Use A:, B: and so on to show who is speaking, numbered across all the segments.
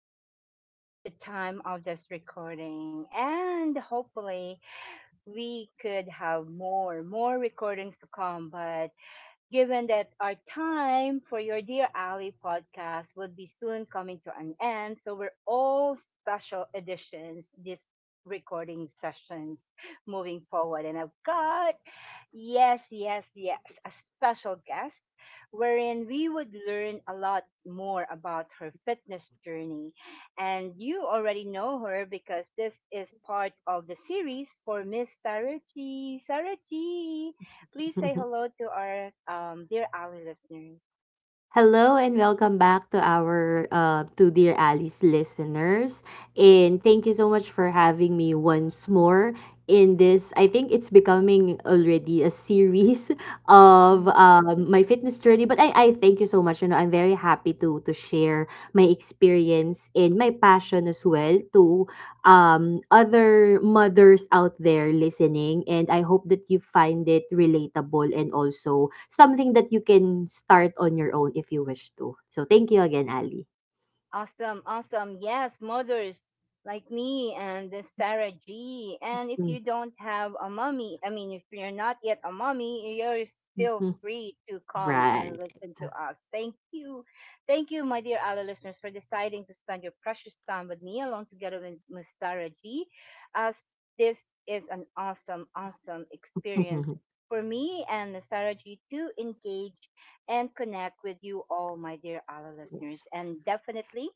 A: Monday at the time of this recording, and hopefully we could have more recordings to come. But given that our time for your Dear Ali podcast would be soon coming to an end, so we're all special editions this recording sessions moving forward. And I've got, yes, yes, yes, a special guest wherein we would learn a lot more about her fitness journey. And you already know her because this is part of the series for Miss Sarah G. Sarah G, please say hello to our dear Ali listeners.
B: Hello and welcome back to our to Dear Alice listeners. And thank you so much for having me once more in this. I think it's becoming already a series of
A: Mm.
B: my fitness journey. But I thank you so much. You know, I'm very happy to share my experience and my passion as well to other mothers out there listening. And I hope that you find it relatable and also something that you can start on your own if you wish to. So thank you again, Ali.
A: Awesome, awesome. Yes, mothers like me and the Sarah G. And if
B: Mm,
A: you don't have a mommy, I mean, if you're not yet a mommy, you're still
B: mhm.
A: free to come and
B: Right.
A: listen to us. Thank you. Thank you, my dear Ali listeners, for deciding to spend your precious time with me along together with Miss Sarah G. As this is an awesome, awesome experience
B: Mhm.
A: for me and Miss Sarah G to engage and connect with you all, my dear ALA
B: Yes.
A: listeners. And definitely,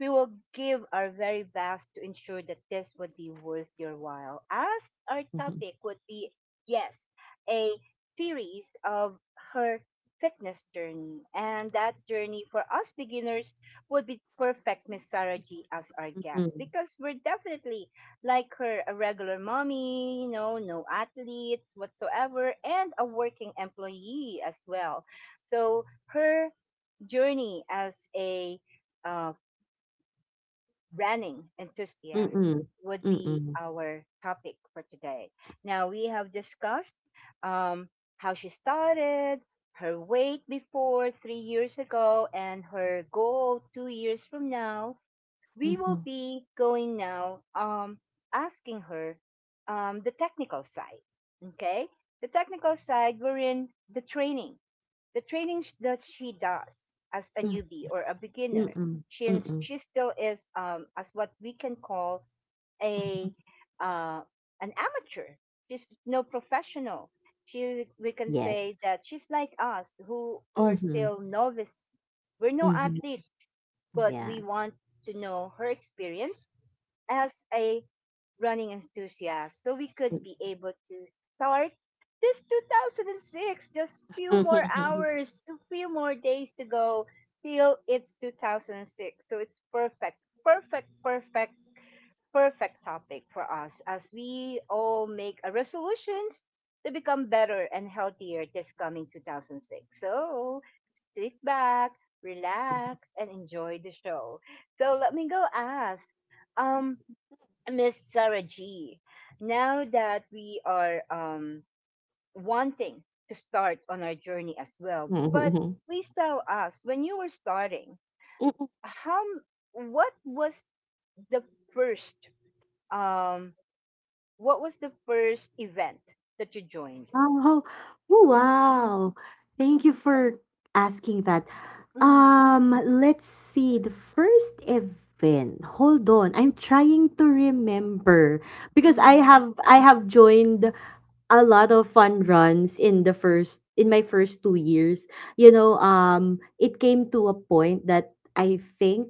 A: we will give our very best to ensure that this would be worth your while, as our
B: Mhm.
A: topic would be, yes, a series of her fitness journey. And that journey for us beginners would be perfect Miss Sarah G as our guest
B: Mhm.
A: because we're definitely like her a regular mommy, you know, no athletes whatsoever, and a working employee as well. So her journey as a uh, running enthusiast
B: Mm-mm.
A: would be
B: Mm-mm.
A: our topic for today. Now we have discussed, um, how she started, her weight before 3 years ago, and her goal 2 years from now. We will
B: Mhm.
A: be going now, asking her, the technical side. Okay, the technical side we're in the training, the training that she does as a
B: Mm,
A: newbie or a beginner,
B: Mm-mm.
A: since
B: Mm-mm.
A: she still is, as what we can call, a uh an amateur. She's no professional. She we can
B: Yes.
A: say that she's like us who are
B: Mm-hmm.
A: still novice. We're no
B: Mm-hmm.
A: athletes, but
B: Yeah.
A: we want to know her experience as a running enthusiast, so we could be able to start this 2006. Just few more hours, a few more days to go till it's 2006. So it's perfect, perfect, perfect, perfect topic for us as we all make a resolutions to become better and healthier this coming 2006. So sit back, relax, and enjoy the show. So let me go ask, um, Miss Sarah G. Now that we are, wanting to start on our journey as well, but
B: Mhm.
A: please tell us when you were starting, how what was the first um, what was the first event that you joined?
B: Oh, oh, wow. Thank you for asking that.
A: Mm,
B: Let's see. The first event. Hold on. I'm trying to remember because I
A: mm,
B: have I have joined a lot of fun runs in the first in my first 2 years. You know, it came to a point that I think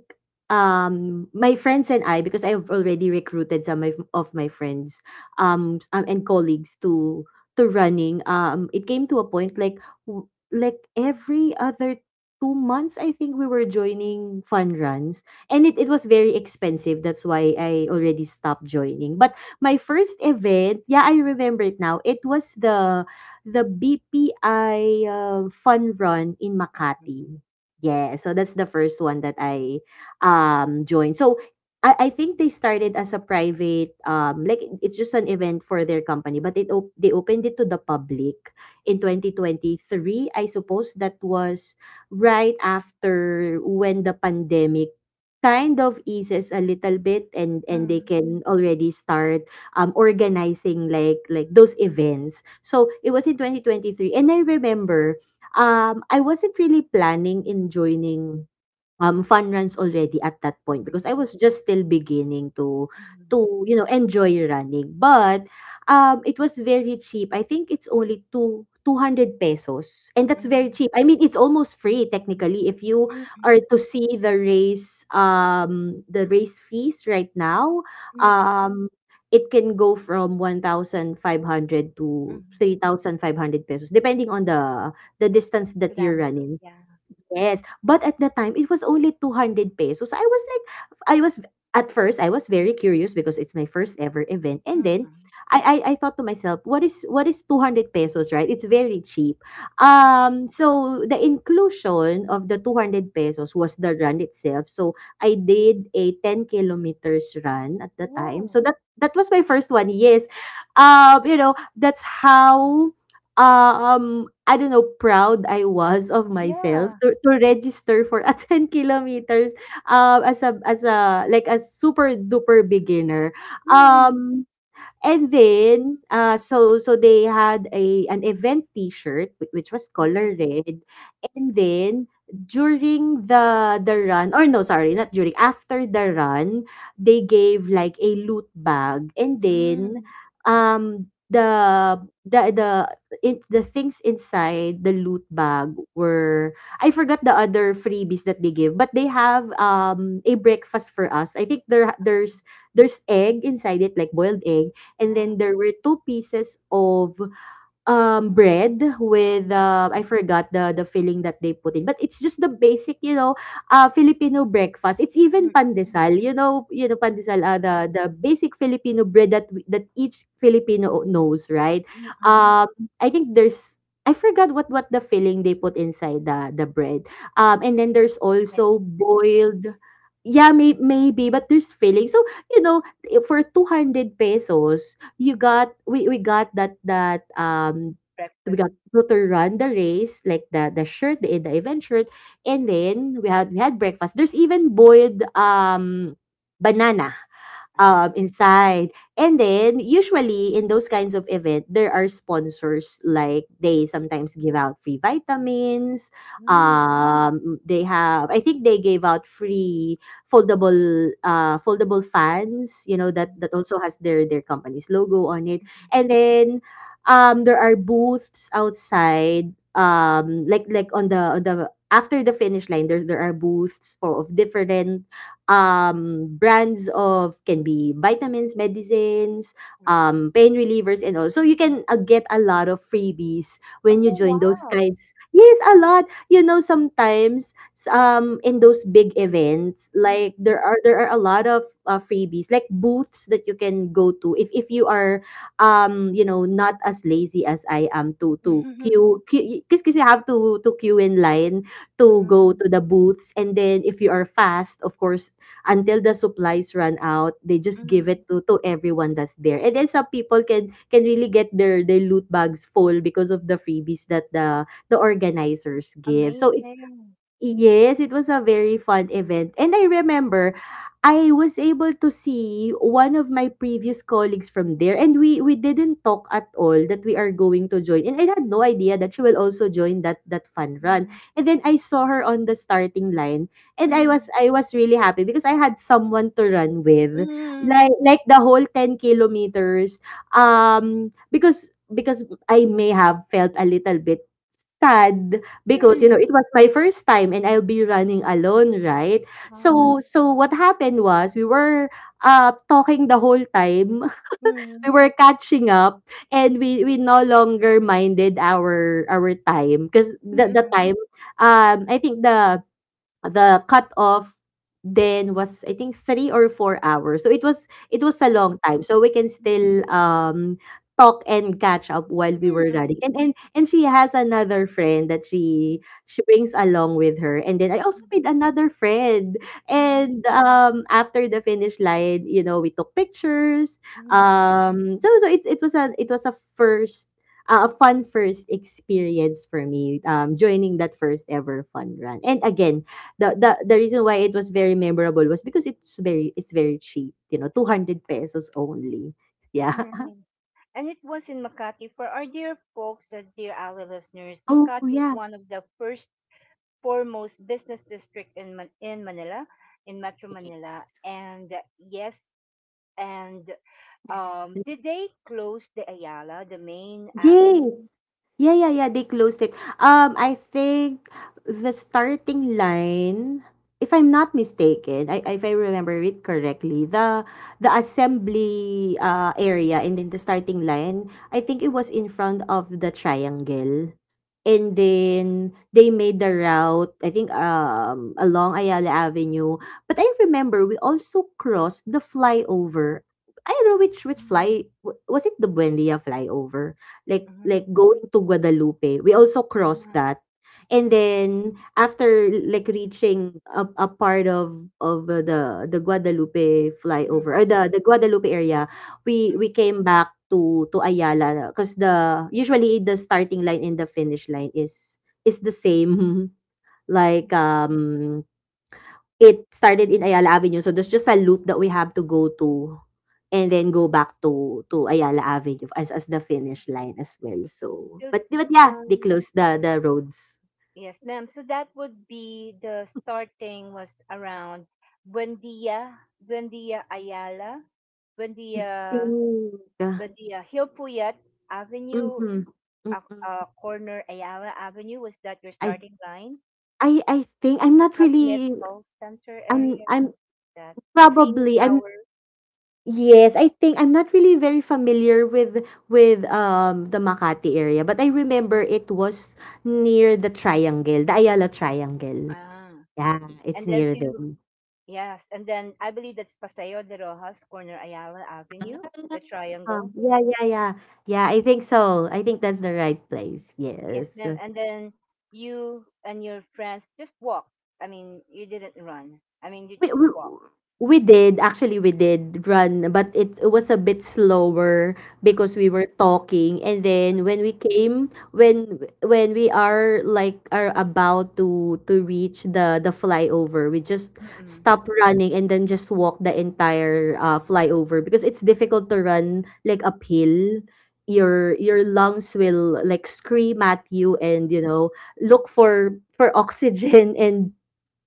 B: my friends and I, because I've already recruited some of my friends and colleagues to running, it came to a point like like every other 2 months I think we were joining fun runs, and it was very expensive. That's why I already stopped joining. But my first event, yeah, I remember it now. It was the BPI fun run in
A: mhm,
B: Makati. Yeah, so that's the first one that I joined. So I think they started as a private, like it's just an event for their company, but they opened it to the public in 2023. I suppose that was right after when the pandemic kind of eases a little bit and they
A: mm,
B: can already start organizing like those events. So it was in 2023, and I remember I wasn't really planning in joining fun runs already at that point,
A: mhm,
B: because I was just still beginning to you know enjoy running. But it was very cheap. I think it's only two 200 pesos, and that's very
A: mhm,
B: cheap. I mean, it's almost free technically. If you
A: mhm,
B: are
A: mhm,
B: to see the race, the race fees right now,
A: mm,
B: um it can go from 1,500 to
A: mhm.
B: 3,500 pesos depending on the distance that you're
A: Kilometer,
B: running.
A: yeah.
B: Yes, but at the time it was only 200 pesos. So I was like, I was at first I was very curious because it's my first ever event. And then
A: Mm,
B: I thought to myself, what is 200 pesos, right? It's very cheap.
A: mhm.
B: So the inclusion of the 200 pesos was the run itself. So I did a 10 kilometers run at the time.
A: Oh,
B: So that was my first one. Yes. You know, that's how I don't know, proud I was of myself
A: yeah.
B: to register for a 10 kilometers, as a like, a super duper beginner.
A: Mm,
B: Um And then they had a an event T-shirt which was color
A: mm,
B: red, and then during the run, or no, sorry, not during, after the run, they gave like a loot bag. And then
A: mm.
B: um the the in the things inside the loot bag were— I forgot the other freebies that they give, but they have a breakfast for us. I think there's egg inside it, like boiled egg. And
A: Ah,
B: then there were 2 pieces of, bread with,
A: mhm,
B: I forgot the filling that they put in, but it's just the basic, you know, Filipino breakfast. It's even
A: mm,
B: pandesal. You know, pandesal,
A: mhm,
B: the basic Filipino bread that we that each Filipino knows, right?
A: mm.
B: Um, I think there's— I forgot what the filling they put inside the bread. And then there's
A: Yeah.
B: also boiled— yeah,
A: Mhm.
B: maybe, but there's filling. So, you know, I for 200 pesos, you got we got that, we
A: Breakfast.
B: got Pluto run the race, like the shirt, the event shirt, and then we had breakfast. There's even boiled, banana,
A: Ah,
B: inside. And then usually, in those kinds of event, there are sponsors. Like, they sometimes give out free vitamins.
A: mm,
B: They have— I think they gave out free foldable, foldable fans, you know, that,
A: mhm,
B: also has their company's logo on it.
A: mhm,
B: And then, there are booths outside, after the finish line. There are booths for of different brands of, can be vitamins, medicines,
A: mm.
B: pain relievers and all. So you can get a lot of freebies when you
A: Oh,
B: join those
A: wow.
B: kinds. Yes, a lot. You know, sometimes in those big events,
A: Mm,
B: there are— there are a lot of freebies, like booths that you can go to, if you are you know not as lazy as I am to
A: mhm.
B: queue, because you have to queue in line to go
A: Mm,
B: to the booths. And then if you are fast, of course, until the supplies run out, they just give
A: mm.
B: it to everyone that's there. And then some people can really get their loot bags full because of the freebies that the organizers give. So it's—
A: Amazing.
B: yes, it was a very fun event. And I remember I was able to see one of my previous colleagues from there, and we didn't talk at all that we are going to join. And I had no idea that she will also join that fun run.
A: Mm,
B: And then I saw her on the starting line, and
A: mm,
B: I was really happy because I had someone to run with.
A: mm.
B: Like the whole 10 kilometers, because I may have felt a little bit sad. Because, you
A: Hmm.
B: know, it was my first time and I'll be running alone, right? Mm. So
A: Ah,
B: what happened was we were, talking the whole time. We
A: mm,
B: were catching up and we no longer minded our time, because
A: mm,
B: the
A: mm,
B: time, I think the cutoff then was I think 3 or 4 hours. So it was— it was a
A: mm.
B: long time. So we can
A: Hmm.
B: still talk and catch up while we were
A: Mm,
B: running. And and she has another friend that she brings along with her. And then I also
A: mm.
B: made another friend.
A: Mm,
B: And after the finish line, you know, we took pictures.
A: mhm,
B: So it was— a it was a first, a fun first experience for me, joining that first ever fun run. And again, the the reason why it was very memorable was because it's very— it's very cheap, you know, 200 pesos only. Yeah.
A: mhm. And it was in Makati. For our dear folks, our dear Ali listeners,
B: Oh,
A: Makati is
B: yeah.
A: one of the first foremost business district in in Manila, in Metro Manila. And, yes, and did they close the Ayala, the main
B: Yes.
A: avenue?
B: Yeah, yeah, yeah. They closed it. I think the starting line, if I'm not mistaken, I if I remember it correctly, the assembly area and then the starting line, I think it was in front of the triangle. And then they made the route, I think along Ayala Avenue. But I remember we also crossed the flyover. I don't know which—
A: Mm,
B: was it the Buendia flyover?
A: mhm,
B: Like going to Guadalupe, we also
A: mhm,
B: crossed that. And then after like reaching a part of the Guadalupe flyover,
A: mhm,
B: or the Guadalupe area,
A: mhm.
B: we came back to Ayala, because the usually the starting line and the finish line is the same. Like um It started in Ayala Avenue, so there's just a loop that we have to go to, and then go back to Ayala Avenue as the finish line as well. So
A: So,
B: but yeah, they
A: um,
B: closed the roads.
A: Yes, ma'am. So that would be the starting was around Buendia, Buendia Ayala,
B: I think,
A: Buendia, Buendia Hill Puyat Avenue,
B: mhm, mm.
A: corner Ayala Avenue. Was that your
B: I
A: starting line?
B: I think I'm not
A: Makati
B: really—
A: Medical Center
B: I'm
A: area.
B: I'm
A: That Rufino
B: probably— I'm
A: Tower.
B: yes, I think I'm not really very familiar with the Makati area, but I remember it was near the triangle, the Ayala
A: Mhm.
B: Triangle.
A: Ah,
B: Yeah, it's
A: and then so
B: near
A: you,
B: them.
A: yes, and then I believe that's Paseo de Rojas, corner Ayala Avenue, the triangle.
B: Yeah, yeah, yeah. Yeah, I think so. I think that's the right place.
A: Yes,
B: Yes.
A: ma'am. And then you and your friends just walk. I mean, you didn't run. I mean, you
B: We,
A: just
B: we
A: walk.
B: we did— actually we did run, but it was a bit slower because we were talking. And then when we came, when we are are about to reach the flyover, we just
A: Mm-mm.
B: stop running and then just walk the entire, flyover, because it's difficult to run like uphill. Your lungs will like scream at you and, you know, look for oxygen and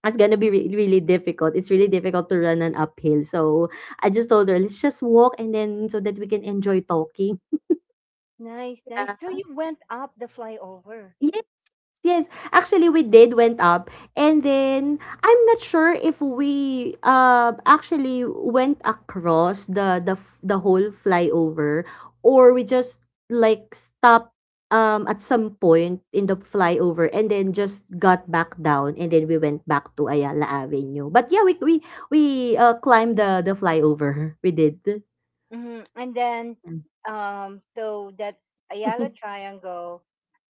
B: it's gonna be really difficult. It's really difficult to run an uphill. So I just told her, let's just walk, and then so that we can enjoy talking.
A: Nice, nice. So you went up the flyover.
B: Yeah. Yes, actually we did went up and then I'm not sure if we actually went across the whole flyover, or we just like stopped at some point in the flyover and then just got back down, and then we went back to Ayala Avenue. But yeah, we climbed the flyover. We did.
A: Hmm. And then, so that's Ayala Triangle,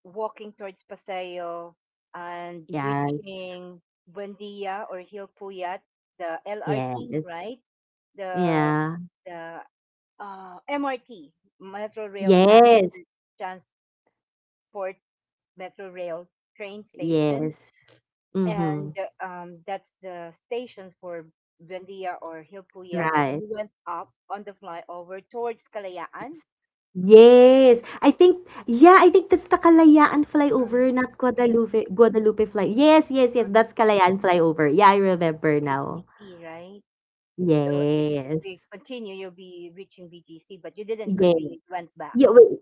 A: walking towards Paseo and
B: Yes.
A: reaching Buendia or Hilpuyat, the LRT,
B: Yes.
A: right? The
B: Yeah.
A: the MRT, Metro Rail
B: Yes.
A: Transport, metro rail train station,
B: Yes. Mm-hmm.
A: and, that's the station for Buendia or Hilpuyat, and then
B: Right.
A: you went up on the flyover towards Kalayaan.
B: Yes, I think yeah, I think that's the Kalayaan
A: Um,
B: flyover, not
A: we,
B: Guadalupe Guadalupe fly yes, yes, yes,
A: um,
B: that's Kalayaan flyover. Yeah, I remember now.
A: BGC, right? So if we
B: Yes.
A: continue, you'll be reaching BGC, but you didn't
B: Yes.
A: continue, you went back.
B: Yeah, wait.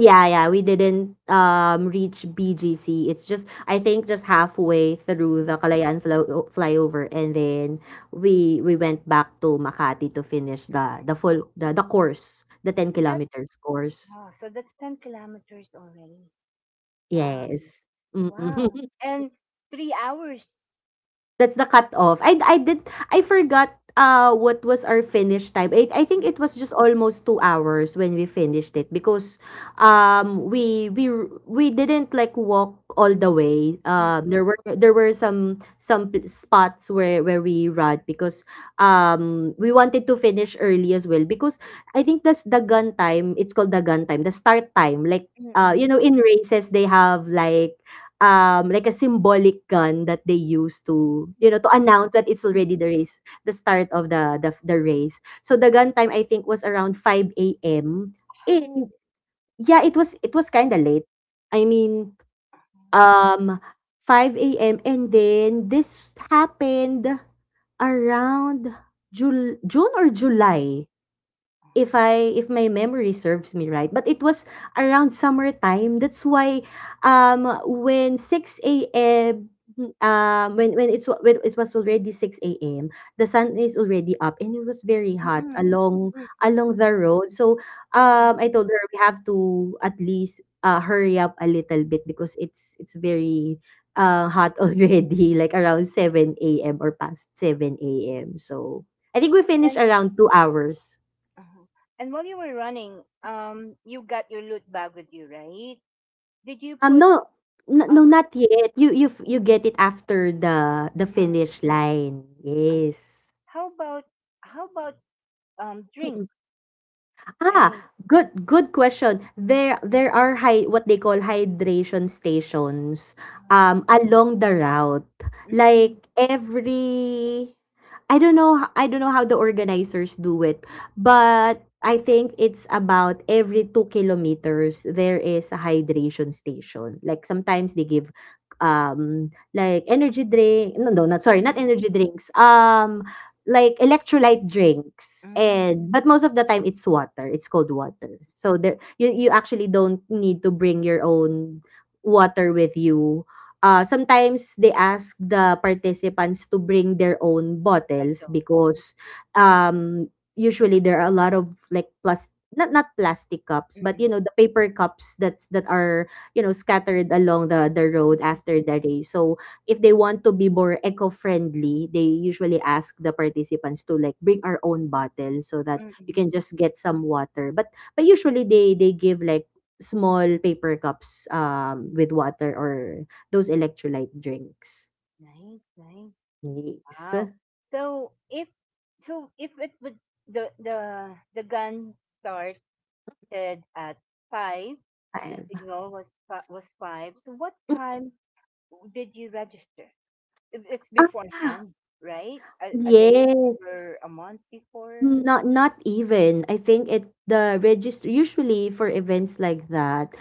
B: Yeah, yeah, we didn't, reach BGC. It's just I think just halfway through
A: Mm.
B: the Kalayaan flo flyover, and then we went back to Makati to finish the full the course, the ten
A: So that was,
B: kilometers course.
A: oh, so that's 10 kilometers already. Wow,
B: Yes. Mm.
A: wow. And 3 hours.
B: That's the cutoff. I forgot what was our finish time. I think
A: Mm,
B: it was just almost 2 hours when we finished it, because um we we we didn't like walk all the way.
A: mm,
B: There were spots where we ran because we wanted to finish early as well, because I think that's the gun time. It's called the gun time. The start time, like,
A: mm, mm,
B: you know, in races they have like, like a symbolic gun that they use to, you know,
A: mm,
B: to announce that it's
A: mm.
B: already the race, the start of the race. So the gun time, I think, was around 5 AM.
A: How?
B: And yeah, it was kind of late. I mean, um 5 AM, and then this happened around June or July, if I if my memory serves me right. But it was around summertime. That's why, when 6 a.m., when it was already 6 a.m., the sun is already up and it was very hot
A: Mm.
B: along
A: Mm.
B: the road. So
A: Mm.
B: I told her we have to at least hurry up a little bit, because it's very hot already, like around 7 a.m. or past 7 a.m. So I think we
A: And
B: finished around 2 hours.
A: uh and while you were running, you got your loot bag with you, right? Did you put?
B: No, no,
A: um?
B: not yet. You you get it after the
A: Yeah,
B: finish line,
A: I see.
B: yes.
A: How about how about drinks? I
B: Ah,
A: mean,
B: good question. There are hy what they call hydration stations,
A: uh,
B: along the route.
A: mm,
B: Like every, I don't know I don't know how the organizers do it, but I think it's about every 2 kilometers there is a hydration station. Like sometimes they give, like energy drink, not, sorry, not
A: mm,
B: energy drinks, like electrolyte drinks.
A: mm,
B: And but most of the time it's water, it's cold water, so there you, you actually don't need to bring your own water with you. Sometimes they ask the participants to bring their own bottles
A: bottle. Uh,
B: because, um, usually there are a lot of like plus not plastic cups but, you
A: Mm-mm,
B: know, the paper cups that are, you know, scattered along the road
A: mm-mm,
B: after the race. So if they want to be more eco-friendly, they usually ask the participants to like bring our own bottle so that you
A: mm-mm.
B: can just get some water. But usually they give like small paper cups, with water or those electrolyte drinks.
A: Nice, nice.
B: Yes.
A: Wow. So if so if it would, the gun start started at five. The
B: Ayan.
A: signal was was five. So what time did you register? If it's
B: Mm, ah,
A: beforehand, right? A day
B: yes.
A: or a month before?
B: Mm, not even. I think it the register usually for events like that,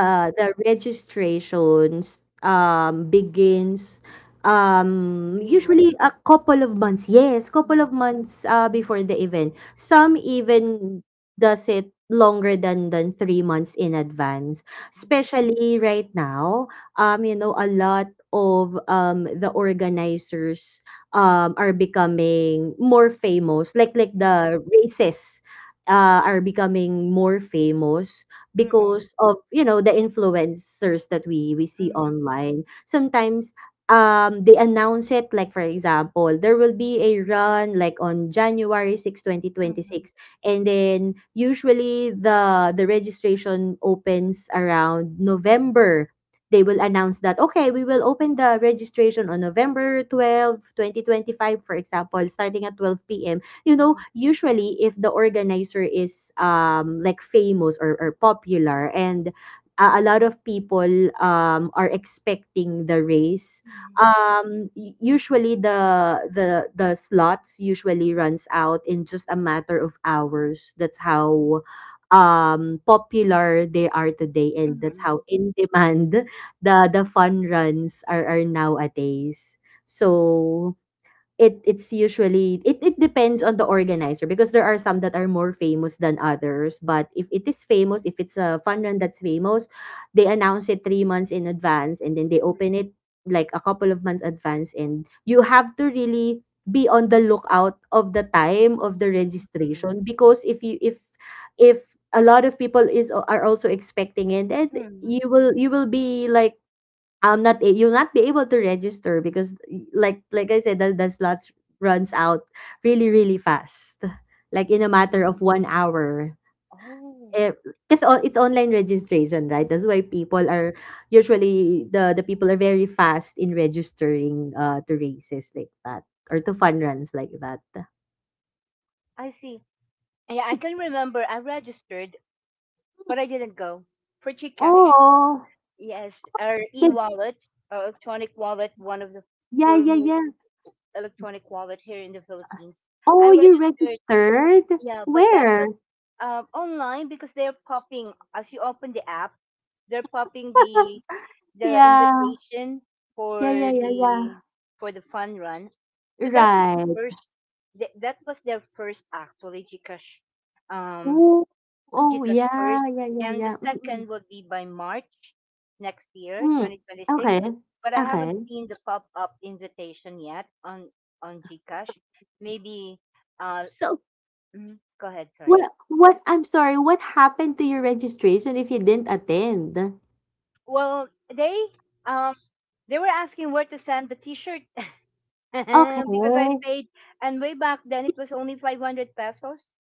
A: Mm.
B: the registrations begins,
A: Three
B: usually
A: months.
B: a couple of months. Yes, couple
A: Mm,
B: of months, before the event. Some even does it longer than 3 months in advance.
A: mm,
B: Especially right now, you know, a lot of, the organizers, are becoming more famous, like,
A: mm,
B: the races, are becoming more famous
A: mm,
B: because of, you know, the influencers that we see
A: mm,
B: online. Sometimes they announce it like, for example, there will be a run like on January 6
A: mm,
B: 2026 and then usually the registration opens around November. They will announce that, okay, we will open the registration on november 12 2025, for example, starting at 12 p.m. You know,
A: mm,
B: usually if the organizer is, like, famous or, popular, and a lot of people, are expecting the race,
A: mm,
B: usually the slots usually runs out in just a matter of hours. That's how popular they are today, and that's
A: mm,
B: how in demand the fun runs are nowadays. So it it's usually it, it depends on the organizer, because there are some that are more famous than others. But if it is famous, if it's a fun run that's famous, they announce it 3 months in advance, and then they
A: mm,
B: open it like a couple of months advance. And you have to really be on the lookout of the time of the
A: mm,
B: registration, because if a lot of people is are also expecting it, then
A: mm.
B: you will be like, I'm not a- you'll not be able to register because, like I said, the slots runs out really fast, like in a matter of 1 hour,
A: Oh,
B: because it's online registration, right? That's why people are, usually the people are very fast in registering, to races like that or to fun runs like that.
A: I see. Yeah, I can remember I registered, but I didn't go for Gcash.
B: Oh,
A: Yes, our
B: the,
A: e-wallet, our electronic wallet, one of the
B: yeah, yeah,
A: foremost
B: yeah.
A: electronic wallet here in the Philippines.
B: Oh,
A: I
B: you
A: registered,
B: registered
A: yeah, but that
B: where?
A: was, online because they're popping as you open the app, they're popping the the
B: Yeah,
A: invitation
B: yeah, yeah,
A: for
B: yeah, yeah.
A: the fun run. So that was the
B: Right.
A: first. That was their first actually Gcash, um
B: Oh, oh,
A: Gcash
B: yeah,
A: first,
B: yeah, yeah,
A: and the
B: yeah, mm,
A: second will be by March next year,
B: mm.
A: 2026.
B: Okay,
A: But I haven't
B: okay.
A: seen the pop-up invitation yet on Gcash. Maybe. uh,
B: So,
A: mhm, go ahead.
B: what
A: Sorry.
B: what, I'm sorry, what happened to your registration if you didn't attend?
A: Well, they um they were asking where to send the T-shirt
B: Okay.
A: because I paid, and way back then it was only 500 pesos.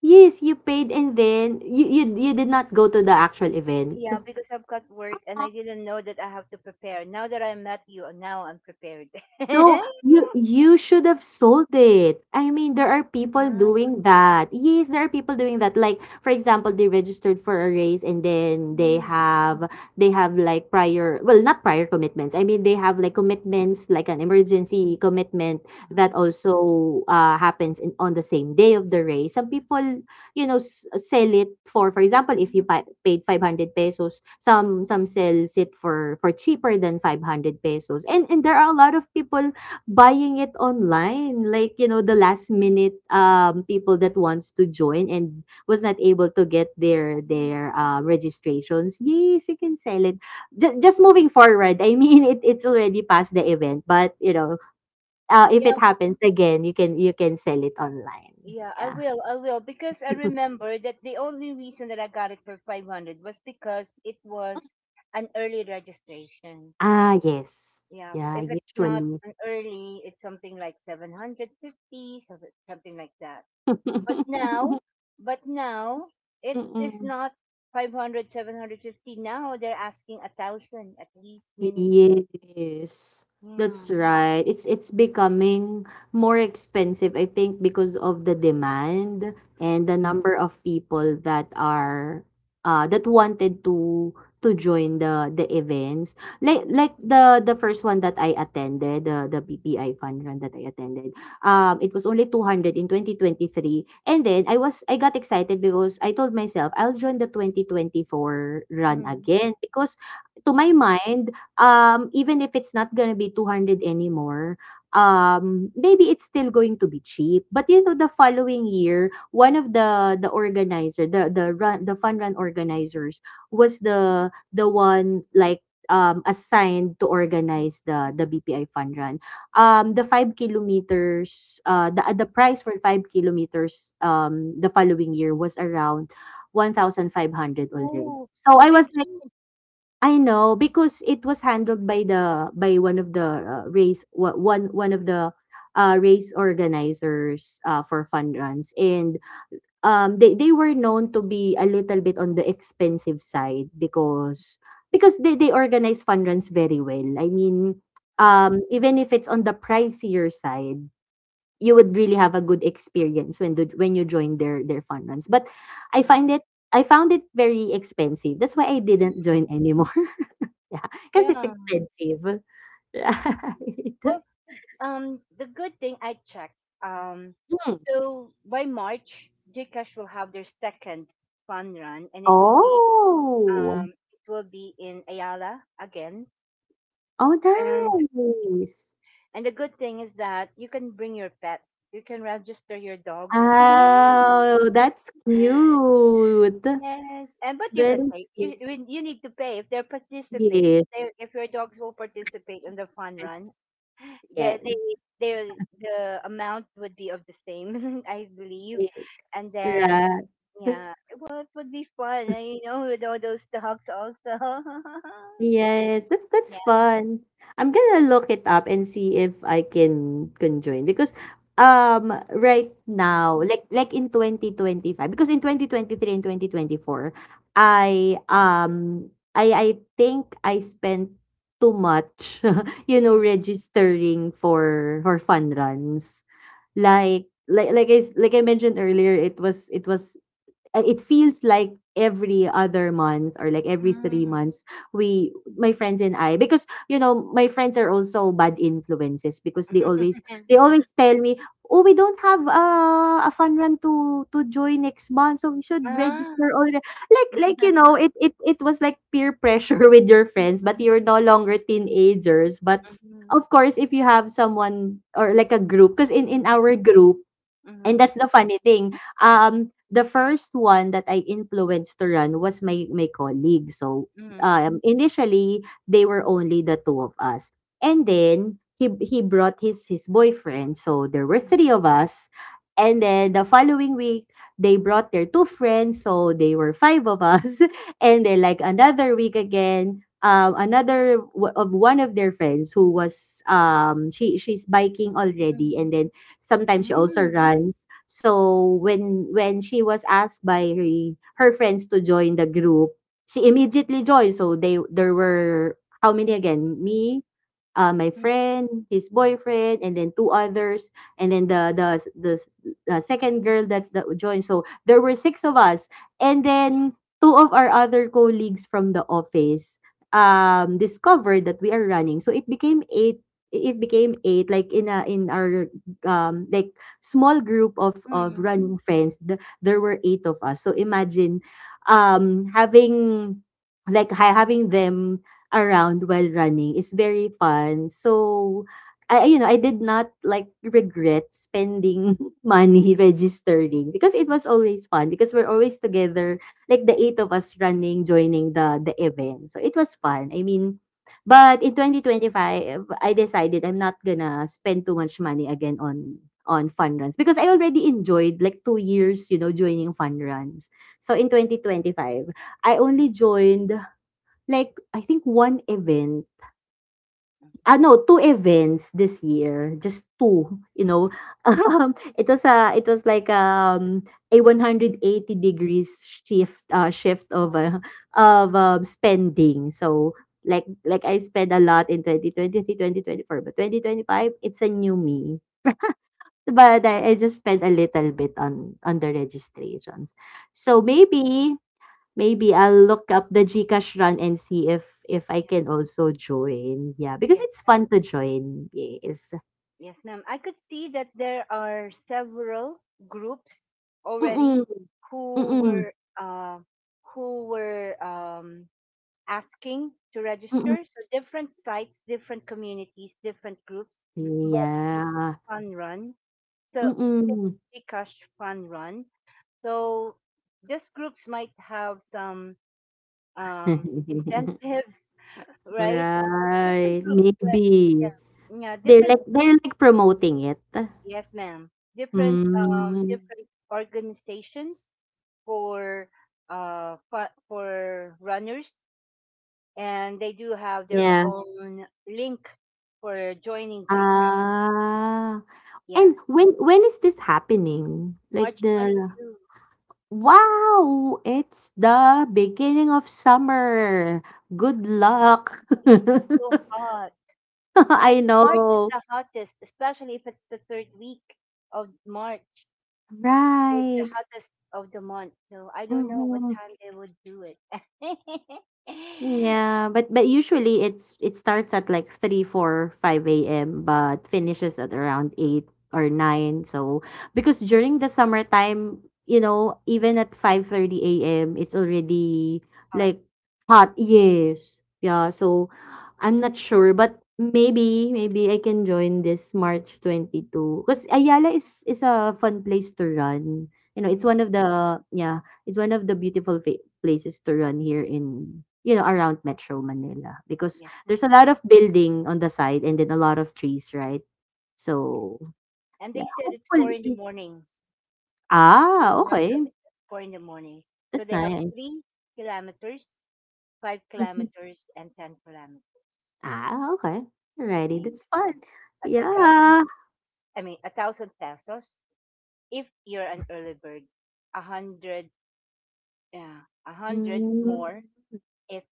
B: Yes, you paid and then you did not go to the actual event?
A: Yeah, because I've got work and I didn't know that I have to prepare. Now that I met you, now I'm prepared.
B: No, you should have sold it. I mean, there are people
A: Ah,
B: doing that. Yes, there are people doing that. Like, for example, they registered for a race and then
A: mm.
B: they have like prior, well, not prior commitments. I mean, they have like
A: Uh-huh.
B: commitments, like an emergency commitment that also happens on the same day of the race. Some people, you know, sell it. For example, if you
A: Mm,
B: paid 500 pesos, some sells it for cheaper than 500 pesos. And there are a lot of people buying it online, like, you know, the last
A: mm,
B: minute, people that wants to join and was not able to get
A: mm.
B: their registrations. Yes, you can sell it. Just moving forward, I mean, it, it's already past the event, but you know, if
A: Yeah,
B: it happens again, you can sell it online,
A: yeah,
B: yeah.
A: I will, because I remember that the only reason that I got it for 500 was because it was an early registration.
B: Ah, yes.
A: Yeah,
B: Yeah,
A: if it's not
B: usually.
A: an early, it's something like 750, something like that. But now, but now it is
B: Mm.
A: not 500, 750. Now they're asking a thousand at least minimum.
B: Yes,
A: Yeah.
B: that's right. It's becoming more expensive, I think, because of the demand and the number of people that are that wanted to join the events. Like
A: Mm-hmm.
B: like the first one that I attended, the PPI fund run that I attended. It was only 200 in 2023. And then I got excited because I told myself I'll join the 2024 run again because, to my
A: Mm-hmm.
B: mind, even if it's not gonna be 200 anymore, maybe it's still going to be cheap. But you know, the following year, one of the organizer, the run, the fun run organizers was the one like, assigned to organize the BPI fun run. The 5 kilometers, the price for 5 kilometers, the following year was around 1,500 already.
A: Oh,
B: So
A: a
B: I
A: big
B: was like,
A: change.
B: I know, because it was handled by the by one of the one one of the race organizers, for fun runs. And they were known to be a little bit on the expensive side, because they organize fun runs very well. I mean,
A: Huh?
B: even if it's on the pricier side, you would really have a good experience when when you join their fun runs. But I find
A: Wow.
B: it I found it very expensive. That's why I didn't
A: Mm,
B: join anymore. Yeah, cause it's
A: yeah.
B: expensive, right?
A: Well, the good thing I checked. Um,
B: Hmm.
A: so by March, Gcash will have their second fun run, and
B: Oh.
A: it will be in Ayala again. And
B: Oh, nice.
A: and the good thing is that you can bring your pets. You can register your dogs.
B: Oh, that's cute.
A: Yes, and but you can
B: Very
A: pay. You
B: cute.
A: you you need to pay if they participate. If,
B: Yes,
A: they, if your dogs will participate in the fun run. the the
B: yes,
A: the amount would be of the same, I believe.
B: yes.
A: And then,
B: Right.
A: yeah, well, it would be fun, with all those dogs also.
B: Yes, that's
A: Yeah.
B: fun. I'm gonna look it up and see if I can join because right
A: Mm,
B: now, like in 2025, because in 2023 and 2024
A: mm,
B: I um I think I spent too much
A: mm,
B: registering for fun runs. Like I mentioned earlier, it feels like every other month or like every three
A: mm.
B: months we, my friends and i, because my friends are also bad influences, because they always tell me, oh, we don't have a fun run to join next month, so we should register
A: Ah.
B: already. Like it was like peer pressure with your friends, but you're
A: Mhm,
B: no longer teenagers. But
A: mhm,
B: of course, if you have someone or like a group, because in
A: mhm,
B: our group. And
A: mhm,
B: that's the funny thing. The first one that I influenced to run was my colleague. So,
A: mhm,
B: initially they were only the two of us, and then he brought his boyfriend. So there were
A: mhm,
B: three of us, and then the following week they brought their two friends. So they were five of us, and then, like, another week again. Another w- of one of their friends who was, she's biking already,
A: mhm,
B: and then sometimes she also runs. So when she was asked by her friends to join the group, she immediately joined. So they, there were how many again? Me, my friend, his boyfriend, and then two others, and then the, the second girl that joined. So there were six of us, and then two of our other colleagues from the office discovered that we are running. So it became eight. It became eight, like in a in our, um like small group of
A: mhm,
B: running friends. There were eight of us, so imagine having, having them around while running is very fun. So I, I did not, like, regret spending money registering, because it was always fun, because we're always together, like the eight of us running, joining the event. So it was fun. I mean, but in 2025, I decided I'm not gonna spend too much money again on fun runs, because I already enjoyed like 2 years, joining fun runs. So in 2025, I only joined, like, I think one event.
A: mhm,
B: Ah, no, two events this year, just two. It was like, a 180 degrees shift of, spending. So, like I spent a lot in twenty four, but 2025, it's a new me. But I just spent a little bit on the registrations.
A: mhm.
B: So, maybe, maybe I'll look up the GCash run and see if I
A: Yeah.
B: can also join. Yeah, because
A: Yes.
B: it's fun to join. Yes.
A: Yes, ma'am. I could see that there are several groups already
B: Mm-mm.
A: who
B: Mm-mm.
A: were, uh, who were um, asking to
B: Mm-mm.
A: register. So different sites, different communities, different groups, but
B: Yeah.
A: fun run. So say
B: Mm-mm.
A: Gcash fun run. So these groups might have some, incentives, right? Different
B: Right.
A: groups, right? Yeah,
B: Maybe.
A: yeah,
B: They're
A: different.
B: like they're like promoting it.
A: Yes, ma'am. Different um
B: Mm.
A: different organizations for for runners, and they do have their
B: Yeah.
A: own link for joining Gcash.
B: Ah. And
A: Yes.
B: when is this happening? Like
A: March
B: the
A: 22.
B: Wow! It's the beginning of summer.
A: Yeah.
B: Good luck.
A: It's so hot, right?
B: I
A: March is
B: know.
A: the hottest, especially if it's the third week of March. So it's the
B: Right.
A: hottest of the month. So I don't know what
B: Mhm.
A: time they would do it.
B: Yeah, but usually it starts at like 3, 4, 5 a.m., but finishes at around 8 or 9. So because during the summertime, even at 5:30 a.m. it's already,
A: Hot.
B: like, hot. Yes. Yeah, so I'm not sure, but maybe I can join this March 22 because Ayala is a fun place to run. You know, it's
A: Mm.
B: one of the, yeah, it's one of the beautiful places to run here in, around Metro Manila, because
A: Yes,
B: there's
A: ma'am.
B: a lot of building on the side and then a lot of trees, right?
A: Yes.
B: So
A: And they
B: yeah,
A: said it's four in the
B: hopefully.
A: morning.
B: Ah, okay,
A: It's 4 in the morning, so
B: that's
A: they have
B: nice.
A: 3 kilometers, five
B: Mhm.
A: kilometers, and 10 kilometers.
B: Ah, okay, alrighty,
A: And,
B: that's fun.
A: that's a thousand.
B: Yeah.
A: I mean, a thousand pesos. If you're an early bird, a hundred, yeah, a hundred
B: Mm.
A: more if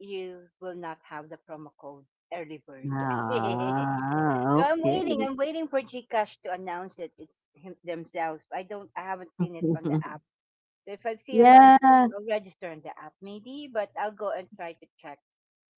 A: you will not have the promo code early bird. So
B: Ah,
A: I'm waiting.
B: okay.
A: I'm waiting for Gcash to announce it. It's him, themselves. I don't. I haven't seen it on the app. So if I've seen it on,
B: Yeah.
A: I'll register on the app maybe, but I'll go and try to check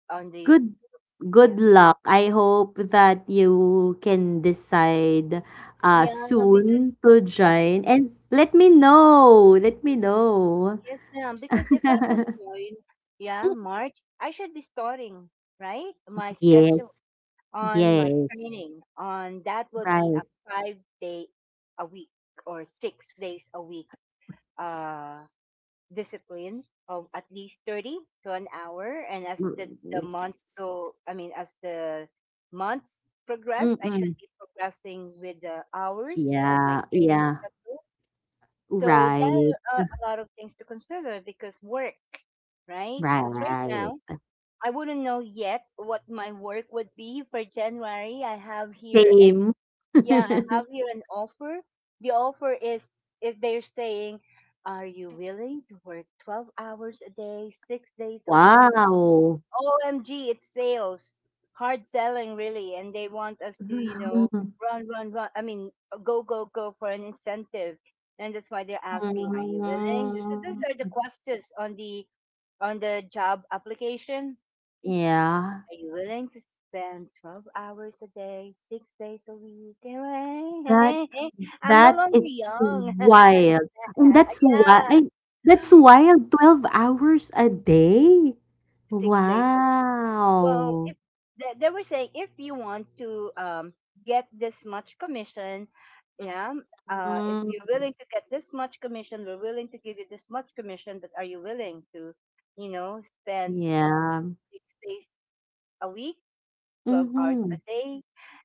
A: on these
B: Good
A: groups.
B: good
A: Yeah,
B: luck. I hope that you can decide
A: yeah, because
B: soon to join, and let me know. Let me know.
A: yes, ma'am. Because if I would join, yeah, March, I should be starting right my schedule
B: Yes.
A: on my
B: Yes.
A: training. On that would be
B: Right.
A: a 5 day a week or 6 days a week, uh discipline of at least 30 to an hour. And as the
B: Mm,
A: months
B: yes.
A: go, I mean, as the months progress, I should
B: Mm-mm.
A: be progressing with the hours of my
B: Yeah.
A: training
B: Yeah.
A: schedule. So there
B: Right.
A: are a lot of things to consider because work, right? Because right now
B: Right.
A: I wouldn't know yet what my work would be for January. I have here a
B: Same.
A: Yeah, I have here an offer. The offer is if they're saying, "Are you willing to work 12 hours a day, 6 days a week?"
B: Wow.
A: OMG, it's sales. Hard selling, really. And they want us to, run, run, run. I mean, go, go, go for an incentive. And that's why they're asking, "Are you willing?" So these
B: Mm,
A: are the questions on the job application.
B: yeah.
A: Are you willing to spend 12 hours a day, 6 days a week?
B: That
A: I'm no
B: that
A: longer
B: is
A: young. Yeah,
B: wild. And that's why That's wild. 12 hours a day?
A: 6 days a week. Well,
B: Wow.
A: if they, they were saying if you want to get this much commission, yeah, if
B: Mm,
A: you're willing to get this much commission, we're willing to give you this much commission, but are you willing to, spend
B: yeah.
A: 6 days a week, 12 hours a
B: Mhm.
A: day,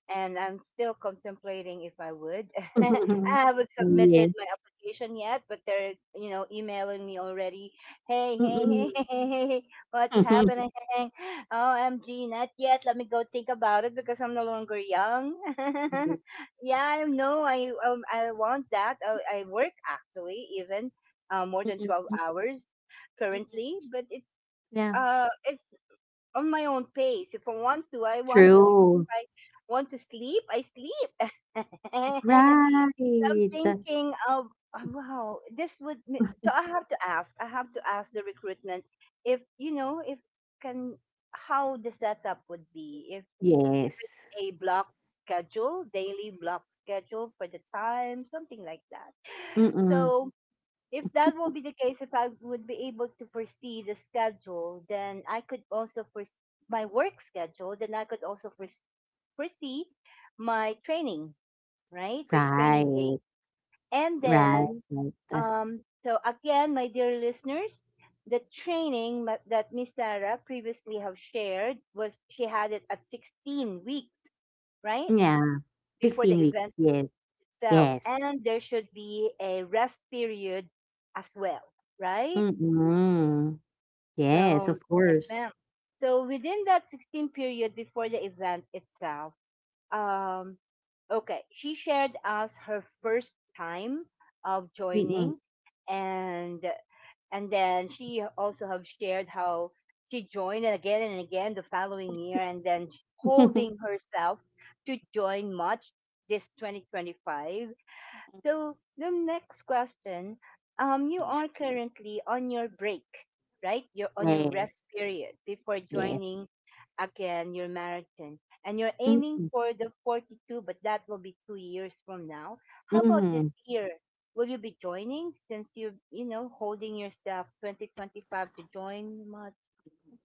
A: and I'm still contemplating if I would. I haven't
B: Yeah.
A: submitted my application yet, but they're, emailing me already. Hey, hey,
B: Mm-mm.
A: hey, hey, hey, hey, hey, what's
B: Yes. Mm-mm.
A: happening? OMG, not yet. Let me go think about it because I'm no longer young. Yeah, I know. I want that. I work actually even more than 12
B: Mm-mm.
A: hours currently, but it's
B: Yeah.
A: uh it's on my own pace. If I want to, I want to. But if
B: True.
A: I want to sleep, I sleep. I'm
B: Right.
A: thinking of, oh, wow, this would. So I have to ask. I have to ask the recruitment if you know if can, how the setup would be if
B: Yes.
A: it's a block schedule, daily block schedule for the time, something like that.
B: Mm-mm.
A: So if that will be the case, if I would be able to foresee the schedule, then I could also foresee my work schedule, then I could also foresee my training, right? My training day.
B: Right.
A: And
B: Right.
A: then,
B: Right.
A: so again, my dear listeners, the training that Miss Sarah previously have shared was she had it at 16 weeks, right?
B: Yeah.
A: Before
B: 16
A: the
B: weeks.
A: event
B: Yes.
A: itself.
B: Yes.
A: And there should be a rest period as well, right?
B: Mm. Yes,
A: So,
B: of
A: yes,
B: course.
A: ma'am. So within that 16 period before the event itself, um, okay, she shared us her first time of
B: Mm.
A: joining, and then she also have shared how she joined and again the following year, and then holding herself to join much this 2025. So the next question, you are currently on your break, right? You're on your
B: Yes,
A: rest period before
B: yes.
A: joining again your marathon, and you're aiming
B: Mm,
A: for the 42, but that will be 2 years from now. How about this
B: mhm.
A: year? Will you be joining since you're, holding yourself 2025 to join? Much?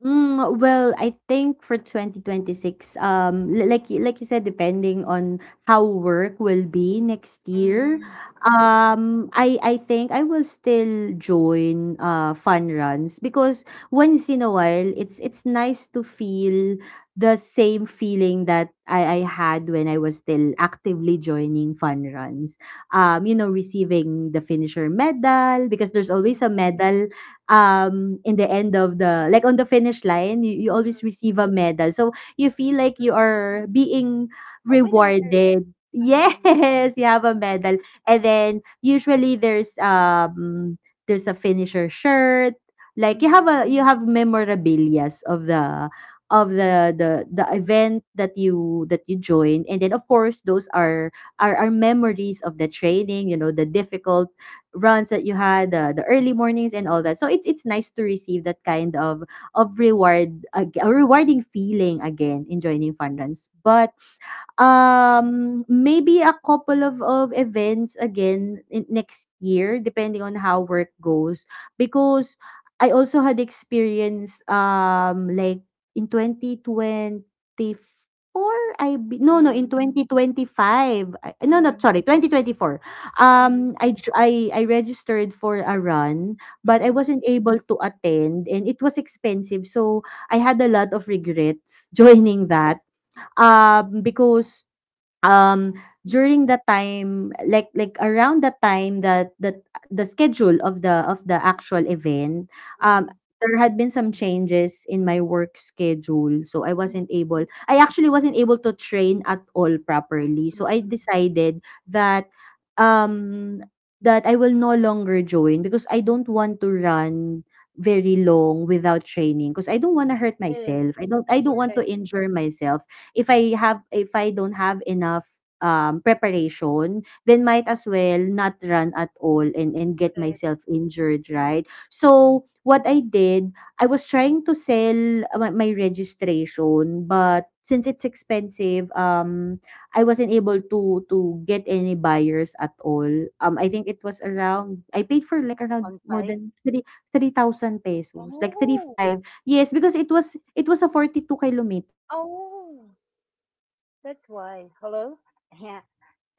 B: Mm, well, I think for 2026, like you said, depending on how work will be next year.
A: Mm, yeah.
B: I think I will still join fun runs, because once in a while, it's nice to feel the same feeling that I had when I was still actively joining fun runs. Receiving the finisher medal, because there's
A: Mm,
B: always a medal in the end of the, like, on the finish line, you always
A: mm,
B: receive a medal, so you feel like you
A: mm.
B: are being
A: With other,
B: rewarded.
A: uh,
B: Yes, you have a medal. And then, usually, there's a finisher shirt. Like, you have
A: mm.
B: a, you have memorabilias of the, of the event that you joined. And then, of course, those are are memories of the training, you know, the difficult runs that you had, the early mornings and all that. So it's nice to receive that kind of reward, a rewarding feeling again in joining fun runs. But, maybe a couple of events again in next year, depending on how work goes, because I also had experience, like, in 2024, no, no, in
A: Mhm,
B: 2025, no, no,
A: mhm,
B: sorry, 2024,
A: mhm,
B: I registered for a run, but I
A: mhm.
B: wasn't able to attend and it was expensive, so I had a lot of regrets
A: Mm,
B: joining that. Because, um during the time, like around the time that the schedule of the, actual event, um
A: mm,
B: there had been some changes in my work schedule, so
A: mm,
B: I actually wasn't able to train at all properly, so
A: mm.
B: I decided that, um that I will no longer join, because I don't want to run very long without training, because I don't want to hurt
A: Yes,
B: myself. I don't want to
A: correct,
B: injure myself. If I don't have enough, preparation, then might as well not run at all, and, get
A: correct.
B: myself injured, right? So, what I did, I was trying to sell my registration, but since it's expensive, I wasn't able to get any buyers at all. I think it was around, I paid for like around
A: 1,
B: more
A: 5.
B: than three thousand pesos, like three
A: Oh,
B: five. Yes, because it was a 42 kilometers.
A: oh,
B: I was supposed
A: that's
B: to run my
A: why.
B: second
A: Hello?
B: marathon in
A: Yeah.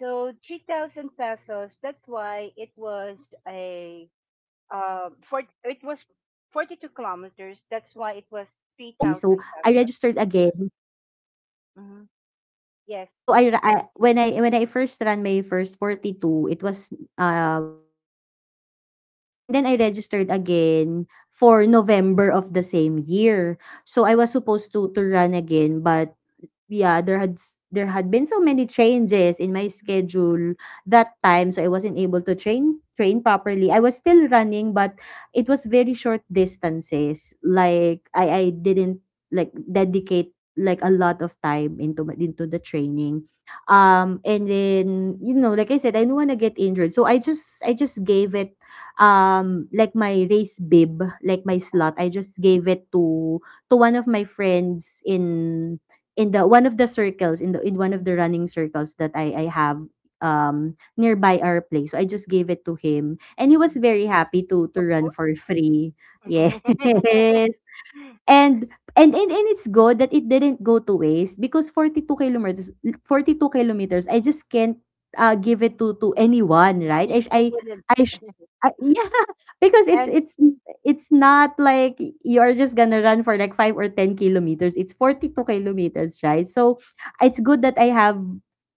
A: So 3,000 pesos, that's
B: again. Like,
A: why it
B: I
A: was
B: did it in
A: a,
B: 2024, of
A: for,
B: February. So
A: it was
B: I registered
A: 42
B: again.
A: kilometers. That's why it was 3,000 pesos.
B: Yes, that's why it's that
A: Mm-hmm.
B: expensive. So,
A: Yes.
B: I, ra- I when I first ran my first 42, it was February of 2024. And then I registered again for November of the same year. So I was supposed to run again, but yeah, there had been so many changes in my schedule that time, so I wasn't able to train properly. I was still running, but it was very short distances. Like, I didn't, like, dedicate like a lot of time into the training. And then, like I said, I don't want to get injured. So I just gave it, like, my race bib, like my slot. I just gave it to one of my friends in the one of the circles in the in one of the running circles that I have nearby our place. So I just gave it to him, and he was
A: Mm.
B: very happy to
A: Of
B: run for
A: course.
B: free. Yes. And and it's good that it didn't go to waste, because 42 kilometers, I just can't, give it to anyone, right?
A: Mm. Who wouldn't?
B: I sh Ah, yeah, because it's
A: And
B: it's it's not like you're just gonna run for like 5 or 10 kilometers, it's 42 kilometers, right? So, it's good that I have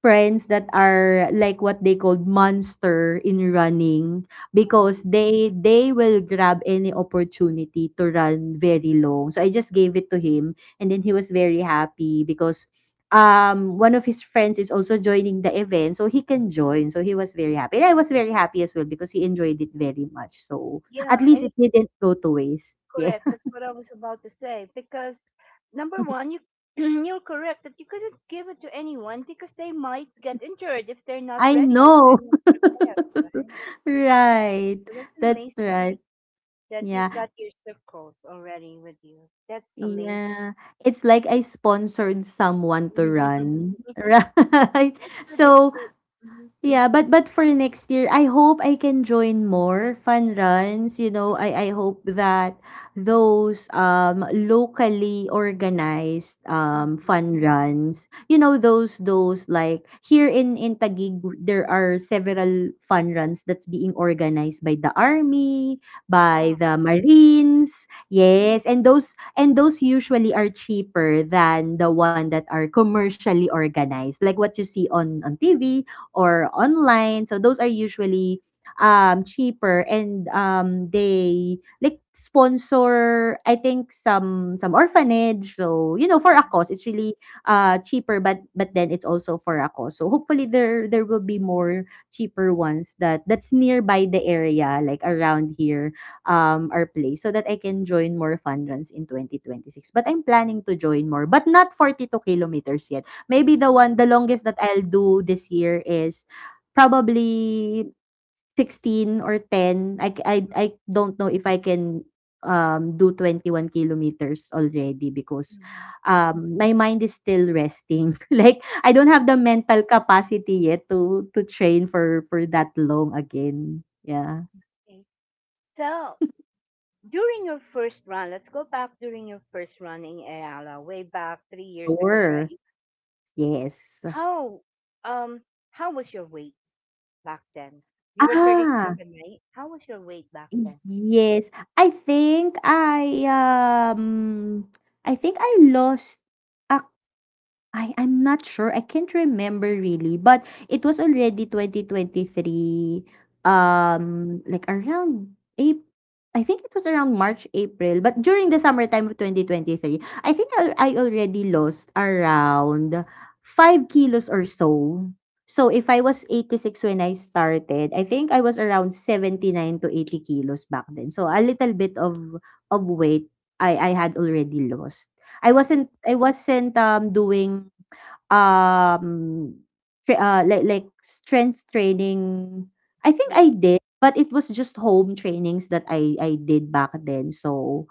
B: friends that are like what they called monster in running. Because
A: wow.
B: they will grab any opportunity to run very long. So I just gave it to him, and then he was very happy because, one of his friends is also joining the event so he can join. So he was very happy. And I was very happy as well, because he enjoyed it very much. So at
A: Yeah,
B: least
A: and
B: it didn't go to waste. Yeah.
A: correct. That's what I was about to say. Because number one, you you're correct that you couldn't give it to anyone because they might get injured if they're not
B: I
A: ready, if
B: know.
A: they're not prepared, right?
B: Right.
A: So that's an
B: That's
A: amazing thing
B: right.
A: that you've
B: Yeah.
A: got your circles already with you. That's amazing.
B: Yeah, it's like I sponsored someone to
A: That's
B: run, right?
A: good. That's
B: So,
A: good. Mhm,
B: yeah, but for next year, I hope I can join more fun runs. You know,
A: mhm,
B: I hope that those, locally organized,
A: mhm.
B: fun runs, you know, those like here in Taguig, there are several fun runs that's being organized by the army,
A: Ah,
B: by the marines.
A: oh,
B: Yes, and those usually are cheaper than the one that are commercially organized, like what you see on TV or online. So those are usually, cheaper, and they like sponsor, I think, some orphanage. So, you know, for a
A: mhm,
B: cause, it's really, cheaper, but then it's also for a cause. So hopefully, there will be more cheaper ones that that's nearby the area, like around here, our place, so that I can join more fun runs in 2026. But I'm planning to join more, but not 42 kilometers yet. Maybe the
A: mhm,
B: one the longest that I'll do this year is probably 16 or 10. I don't know if I can, do 21 kilometers already because,
A: mhm,
B: my mind is still resting. Like, I don't
A: mhm.
B: have the mental capacity yet to train for that long again. Yeah.
A: Okay. So during your first run, let's go back during your first run in Ayala, way back 3 years ago,
B: Sure,
A: right?
B: yes.
A: How um how was your weight back then? You were thirty
B: Ah.
A: seven, right? How was your weight back then?
B: Yes, I think I, um, I think I lost a I'm not sure. I can't remember really, but it was already 2023, like around April. I think it was around March, April, but during the summertime of 2023, I think I already lost around 5 kilos or so. So if I was 86 when I started, I think I was around 79 to 80 kilos back then. So a little bit of weight I had already lost. I
A: Yes, ma'am.
B: wasn't I wasn't doing um like strength training. I think
A: Yes,
B: I did, but it was just home trainings that I did back then. So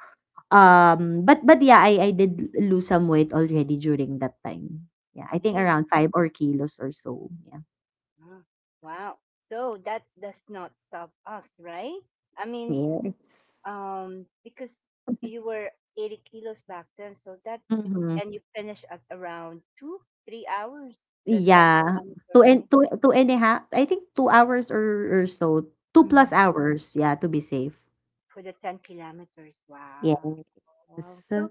B: but yeah, I did lose some weight already during that time. Yeah, I think
A: nice.
B: around 5 or kilos or so. Yeah.
A: Ah, wow. So that does not stop us, right? I mean,
B: Yes.
A: because you were 80 kilos back then, so that
B: Mm-hmm.
A: and you finished at around two, 3 hours, the ten
B: Yeah.
A: kilometer,
B: Two and a half. I think 2 hours or so. Two
A: right?
B: plus hours, yeah, to be safe.
A: For the 10 kilometers. Wow. Wow.
B: Yes.
A: So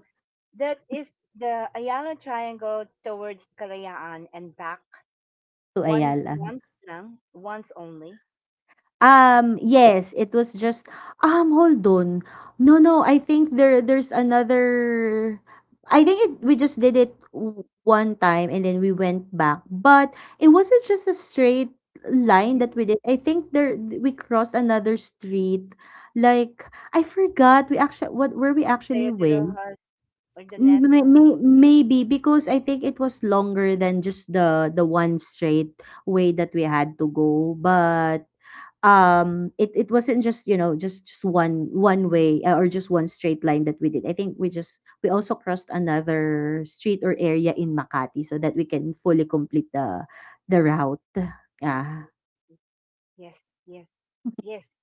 A: that is the Ayala Triangle towards Kalayaan and back,
B: To
A: one
B: Ayala.
A: once lang, once only.
B: Yes, it was just hold on. No, no, I think there's another. I think we just did one time and then we went back. But it wasn't just a straight line that
A: Mm.
B: we did. I think there we crossed another street. Like, I forgot we actually what where we actually
A: Sayo de
B: went.
A: Rojas, or
B: Mm, maybe because I think it was longer than just the one straight way that we had to go, but it wasn't just, just one way, or just one straight line that we did. I think we also crossed another street or area in Makati so that we can fully complete the route.
A: I
B: Yeah.
A: see. Yes, yes, yes.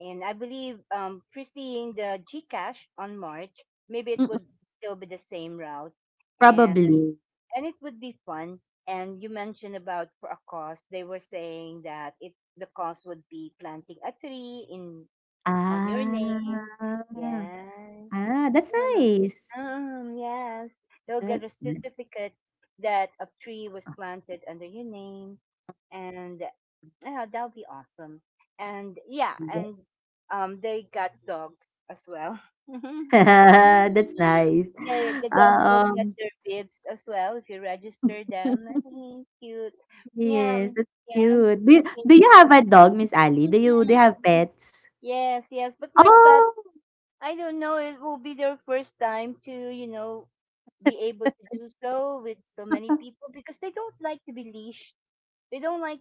A: And I believe preceding the Gcash on March, maybe it
B: Mm,
A: would still be the same route, and
B: probably.
A: it would be fun. And you mentioned about for a cost, they were saying that it, the cost would be planting a tree in on your name.
B: Ah,
A: Yes,
B: ah, that's
A: mm.
B: nice.
A: Mm, yes, they'll get a
B: That's
A: certificate that a tree was planted under your name, and yeah, that'll be awesome. And yeah,
B: nice.
A: and they got dogs as well. the
B: That's nice.
A: the dogs will get
B: Um,
A: their bibs as well if you register them. Mhm. Cute. Yeah,
B: yes, that's
A: yeah. I'm
B: cute. Do you,
A: thinking.
B: do you have a
A: Mm,
B: dog, Miss Ali? Do you do
A: mhm.
B: you have pets?
A: Yes, yes. But my pets,
B: Oh,
A: I don't know. It will be their first time to be able to do so with so many people because they don't like to be leashed. They don't like,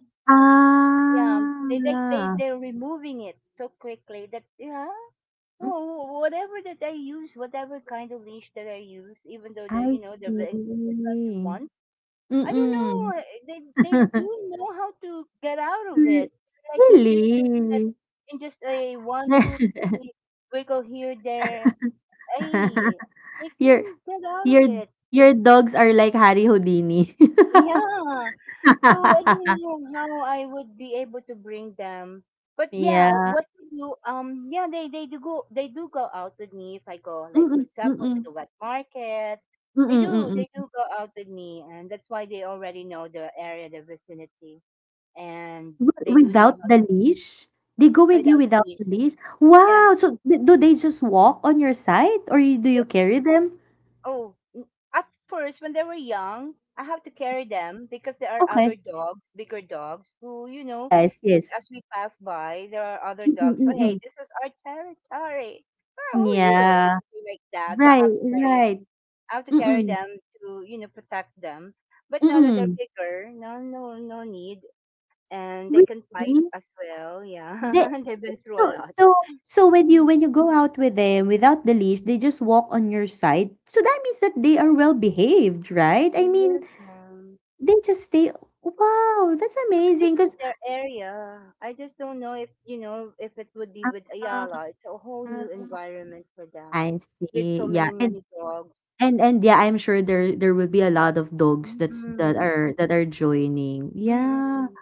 A: yeah, they, they they
B: ah,
A: they're removing it so quickly that, yeah,
B: mm,
A: well, whatever that I use, whatever kind of leash that I use, even though the
B: I
A: you know the ve- expensive
B: see.
A: ones, I don't
B: Mm-mm.
A: know, they do know how to get out of it. They're like magicians that
B: Really?
A: in just a one, two, three wiggle, here, there, hey, they can
B: Your
A: get out of
B: your
A: it.
B: your dogs are like Harry Houdini.
A: Yeah. So I don't know how I would be able to bring them. But yeah,
B: Yeah.
A: what to do? Yeah, they do go out with me if I go, like, for
B: Mm-mm,
A: example, to
B: mm-mm,
A: the wet market. They do
B: mm-mm.
A: they do go out with me, and that's why they already know the area, the vicinity, and
B: Wi
A: they do know
B: without
A: how
B: the
A: to
B: leash? They go with
A: spread
B: you
A: out the
B: without
A: leash.
B: the leash?
A: Yeah.
B: Wow! So, d do they just walk on your side, or you do you carry them?
A: Oh, at first, when they were young, I have to carry them because there are
B: Okay.
A: other dogs, bigger dogs, who, you know,
B: Yes,
A: th-
B: yes.
A: as we pass by, there are other
B: Mm,
A: dogs. So,
B: mm,
A: hey,
B: mm.
A: this is our territory. Ah, who are you? Or
B: Yeah.
A: something like that. So I
B: Right,
A: have to carry,
B: right.
A: I have to carry
B: Mm,
A: them to, protect them. But now that they're
B: mm.
A: bigger, no, no, no need, and they can fight
B: Really?
A: as well. Yeah,
B: They
A: they've been through a
B: so
A: lot.
B: so so when you
A: Mm.
B: when you go out with them without the leash, they just walk on your side. So that means that they are well behaved, right? I mean,
A: Yes, ma'am.
B: they just stay. Wow, that's
A: But this
B: amazing.
A: is their area. I just don't know if you know if it would be with Ayala. It's a whole new
B: Because.
A: environment for them,
B: I
A: with so
B: see. Yeah.
A: many,
B: And
A: many dogs.
B: and yeah, I'm sure there will be a lot of dogs
A: Mm-mm.
B: that are joining. Yeah.
A: Mm-mm.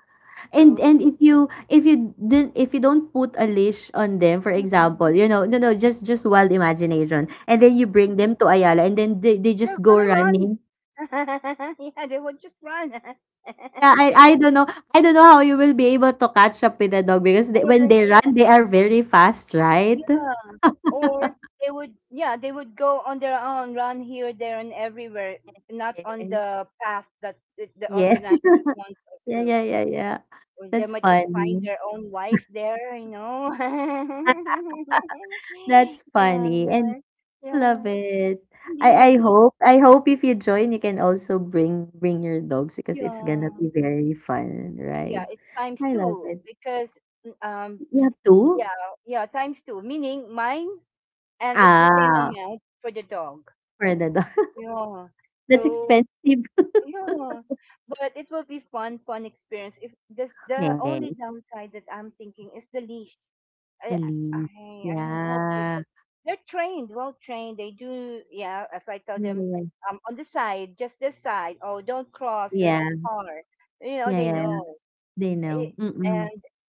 B: And
A: So,
B: if you don't put a leash on them, for
A: mm-mm,
B: example, no, no, just wild imagination. And then you
A: mm-mm,
B: bring them to Ayala, and then they
A: they're
B: just go
A: gonna run.
B: running.
A: Yeah, they would just run.
B: Yeah, I don't know. I don't know how you will be able to catch up with the dog because, when
A: Or,
B: they run, they are very fast, right?
A: yeah, or they would go on their own, run here, there, and everywhere, not on
B: Yes.
A: the path that the
B: Yeah.
A: organizers want us
B: Yeah,
A: to.
B: yeah, yeah, yeah.
A: Or they
B: That's
A: might just find
B: funny.
A: their own wife there.
B: That's
A: yeah,
B: funny, and love
A: yeah.
B: it.
A: Indeed,
B: I I
A: indeed.
B: hope I hope if you join, you can also bring your dogs because it's
A: Yeah,
B: gonna be very fun, right?
A: yeah. It's times
B: I love
A: two
B: it.
A: because um,
B: You have two?
A: yeah, yeah, times two. Meaning mine, and it's the same
B: Ah,
A: amount for the dog.
B: for the dog.
A: Yeah.
B: That's
A: So
B: expensive.
A: yeah, but it will be fun, fun experience. If this, the
B: Yes,
A: only downside that I'm thinking is the leash. I
B: the
A: I
B: leash.
A: I hope they
B: Yeah.
A: can. They're trained, well trained. They do, yeah. If I tell them,
B: Yeah,
A: on the side, just this side. Oh, don't cross. There's a
B: yeah,
A: car. You know,
B: yeah,
A: they
B: yeah. Yeah.
A: know.
B: They
A: It,
B: know. Mm-mm.
A: and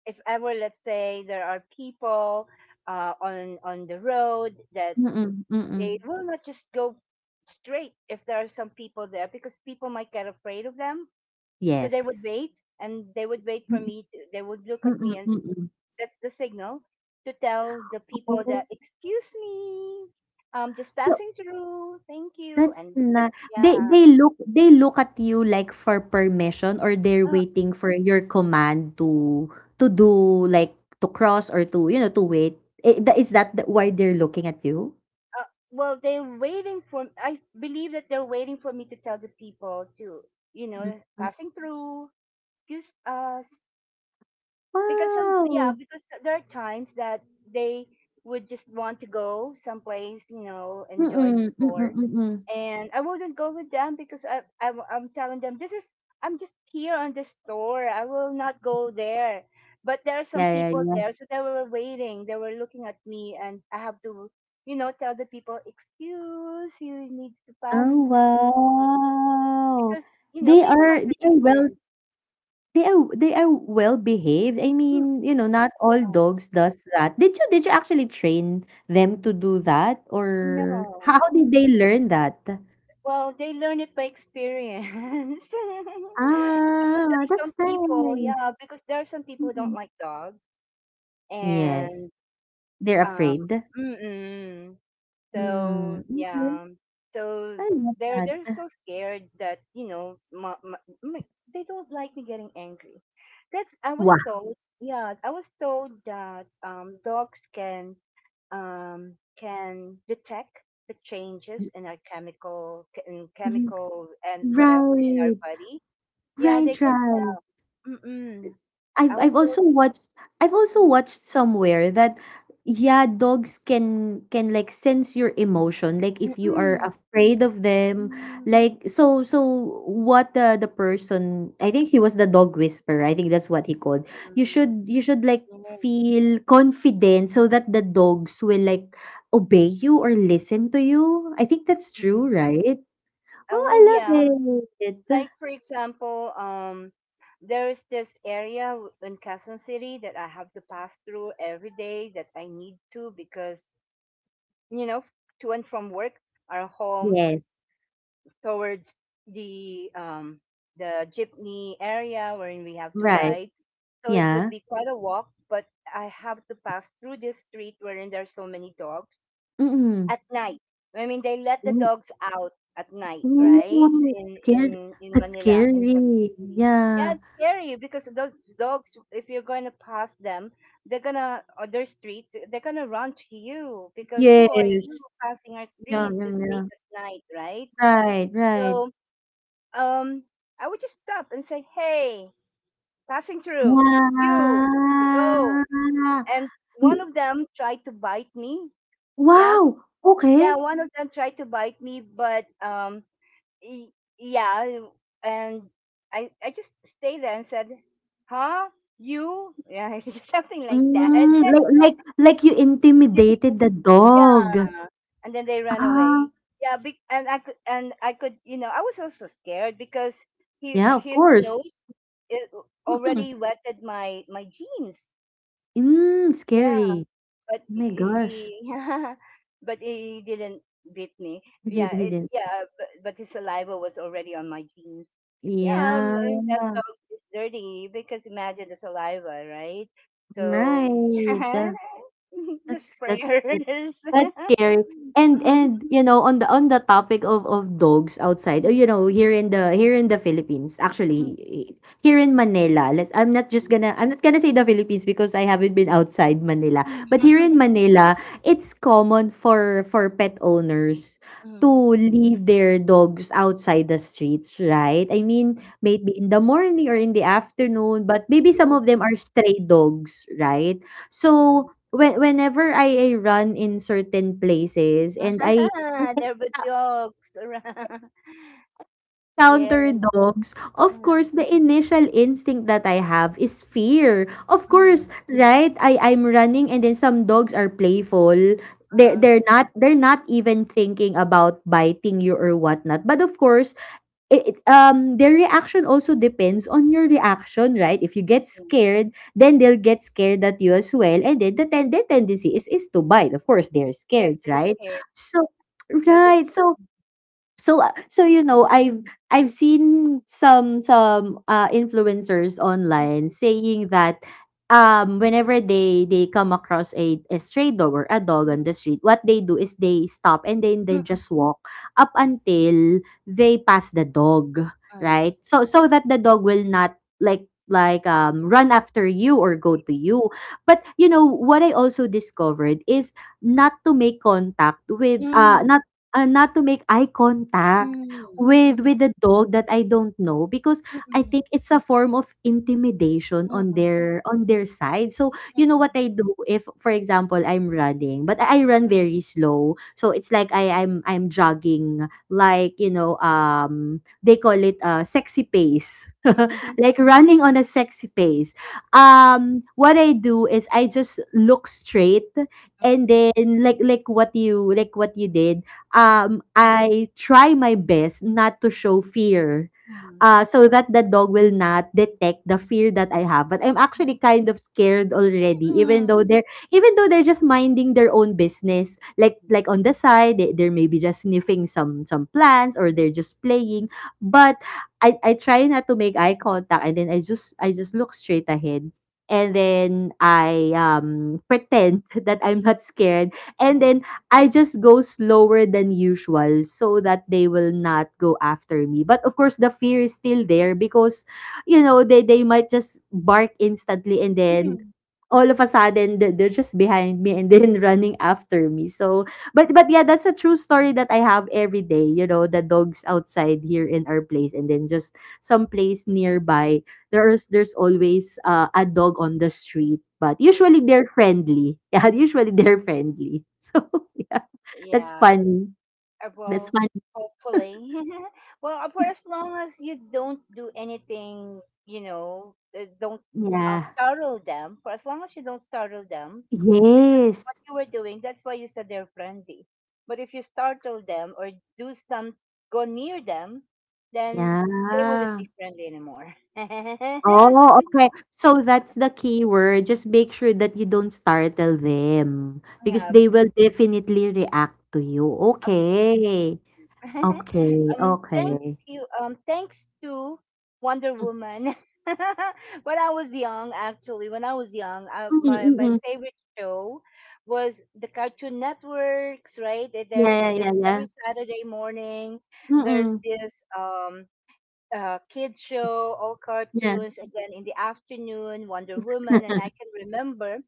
A: if ever, let's say, there are people on the road, that
B: Mm-mm.
A: they
B: Mm-mm.
A: will not just go straight if there are some people there because people might get afraid of them. So they would
B: Yes.
A: wait and they would wait for
B: Mm-mm.
A: me. To, they would look at me,
B: Mm-mm.
A: and
B: Mm-mm.
A: that's the signal, to tell the people that,
B: Oh.
A: excuse me, I'm just
B: So,
A: passing through, thank you,
B: that's
A: and that,
B: ni-. they
A: yeah.
B: they look they look at you like for permission, or they're
A: uh,
B: waiting for your command to do, like, to cross or to, you know, to wait. I the Is that the why they're looking at you?
A: uh, well, they're waiting for, I believe that they're waiting for me to tell the people to, you know,
B: Mm.
A: passing through, excuse us, because some yeah
B: Wow!
A: because there are times that they would just want to go someplace, enjoy,
B: Mm, mm,
A: explore,
B: mm.
A: and I wouldn't go with them because I'm telling them, this is, I'm just here on the store. I will not go there. But there are some
B: Yeah, yeah,
A: people
B: yeah.
A: there, so they were waiting. They were looking at me, and I have to, tell the people, "Excuse, you needs to pass
B: Oh,
A: through,"
B: wow!
A: because people might
B: They
A: get
B: are well.
A: scared.
B: They are well behaved. I
A: Mm,
B: mean, not all
A: um,
B: dogs does that. Did you actually train them to do that, or how
A: no,
B: did they learn that?
A: well, they learn it by experience. Because there
B: Ah,
A: are
B: that's
A: some people,
B: nice.
A: yeah, because there are some people who don't
B: Mm.
A: like dogs,
B: Yes,
A: and
B: they're
A: Um,
B: afraid.
A: mm-mm. So
B: Hmm, okay,
A: yeah, so
B: I love
A: they're so
B: that.
A: scared that ma- they don't like me getting angry. That's, I was
B: Wow.
A: told. Yeah, I was told that dogs can can detect the changes in our chemical in
B: Mm.
A: chemical and whatever in our
B: Right.
A: body. Yeah, they
B: Right,
A: can
B: right.
A: tell. Mm-mm. I
B: I've
A: was
B: I've
A: told.
B: also watched I've also
A: Mm-mm.
B: watched somewhere that, yeah, dogs can like sense your emotion. Like, if you are
A: Mm-mm.
B: afraid of them, like, so what, the person, I think he was the dog whisperer. I think that's what he called. You should like
A: Mm-mm.
B: feel confident so that the dogs will like obey you or listen to you. I think that's
A: Mhm.
B: true, right?
A: Oh,
B: Oh, I
A: well,
B: love
A: yeah.
B: it.
A: Like for example, there is this area in Quezon City that I have to pass through every day that I need to because you know, to and from work or home
B: Yes.
A: towards the the jeepney area wherein we have to
B: Right.
A: ride. So it would
B: Yeah.
A: be quite a walk, but I have to pass through this street wherein there are so many dogs
B: Mm-mm.
A: at night. I mean, they let the dogs out at night, right?
B: Oh,
A: In in
B: scar
A: in
B: that's
A: Manila, in Quezon
B: scary,
A: City. Yeah,
B: yeah.
A: it's scary because those dogs, if you're going to pass them, they're gonna other streets. They're gonna run to you because who are you
B: Yes.
A: passing our
B: Yeah,
A: street
B: yeah,
A: this
B: yeah.
A: late at night, right?
B: Right, right.
A: So, um, I would just stop and say, "Hey, passing through, you go."
B: Ah.
A: And one of them tried to bite me. Yeah,
B: Wow,
A: yeah,
B: okay.
A: one of them tried to bite me, but y- yeah, and I just stayed there and said, "Huh, you, yeah." Something like that.
B: Mm, like like like you
A: And
B: intimidated
A: then-
B: the
A: yeah,
B: dog.
A: and then they ran
B: Ah,
A: away. Yeah, and I could you know, I was also scared because he
B: yeah, of
A: his
B: course.
A: nose, it
B: Mm.
A: already wetted my my jeans.
B: Mm,
A: Yeah,
B: scary.
A: but
B: Oh my gosh.
A: he but he didn't beat me.
B: He did,
A: Yeah,
B: he
A: it
B: did.
A: yeah, but his saliva was already on my jeans. Yeah,
B: Yeah,
A: and that dog is dirty because imagine the saliva, right? So yeah.
B: right.
A: Just
B: That's that's that's
A: prayers.
B: that's scary. And on the topic of dogs outside, here in the Philippines, actually, here in Manila. Let I'm not just gonna I'm not gonna say the Philippines because I haven't been outside Manila. But here in Manila, it's common for pet owners
A: Mhm.
B: to leave their dogs outside the streets, right? I mean, maybe in the morning or in the afternoon, but maybe some of them
A: Evening.
B: are stray dogs, right? So.
A: Mhm.
B: Whenever I run in certain places and I
A: There were dogs around.
B: encounter
A: Yes.
B: dogs, of
A: Uh
B: course, the initial instinct that I have is fear. Of
A: huh.
B: course, right? I'm running, and then some dogs are playful. They
A: Uh-huh.
B: they're not even thinking about biting you or whatnot. But of course, their reaction also depends on your reaction, right? If you get scared, then they'll get scared at you as well, and then the their tendency is to bite. Of course, they're
A: Yes,
B: scared,
A: but the
B: right?
A: hair,
B: So,
A: the
B: right. So, I've seen some influencers online saying that, whenever they come across a stray dog or a dog on the street, what they do is they stop and then they just walk up until they pass the dog, right?
A: the.
B: So that the dog will not run after you or go to you. But you know what I also discovered is not to make contact with not not to make eye contact with the dog that I don't know because I think it's a form of intimidation on their side. So you know what I do if, for example, I'm running, but I run very slow. So it's like, I'm jogging, like, they call it, sexy pace, like running on a sexy pace. What I do is I just look straight, and then, like, what you did, I try my best not to show fear, so that the dog will not detect the fear that I have. But I'm actually kind of scared already, even though they're just minding their own business. Like, on the side, they're maybe just sniffing some plants or they're just playing. But I try not to make eye contact, and then I just look straight ahead. And then I pretend that I'm not scared. And then I just go slower than usual so that they will not go after me. But of course, the fear is still there because, you know, they might just bark instantly, and then all of a sudden they're just behind me, and then running after me. So, but yeah, that's a true story that I have every day. You know, the dogs outside here in our place and then just someplace nearby. There's always, a dog on the street, but usually they're friendly. Yeah, usually they're friendly. So, yeah, that's funny. That's
A: Well,
B: funny.
A: hopefully. Well, for as long as you don't do anything, you know, don't
B: Yeah.
A: startle them. For as long as you don't startle them, because of
B: Yes.
A: what you were doing, that's why you said they're friendly. But if you startle them, or do some, go near them, then they wouldn't
B: Yeah.
A: be friendly anymore.
B: Oh, okay. So that's the key word. Just make sure that you don't startle them because
A: Yeah.
B: they will definitely react to you. Okay. Okay.
A: Thank
B: Okay.
A: you. Thanks to Wonder
B: Mm,
A: Woman. When I was young, actually, when I was young, my
B: mm,
A: my
B: mm.
A: favorite show was the Cartoon Networks. Right? There's
B: Yeah, yeah, yeah,
A: this
B: yeah.
A: every Saturday morning. There's
B: Mm-mm.
A: this kids show, all
B: Yeah.
A: cartoons, and then in the afternoon, Wonder Woman. And I can remember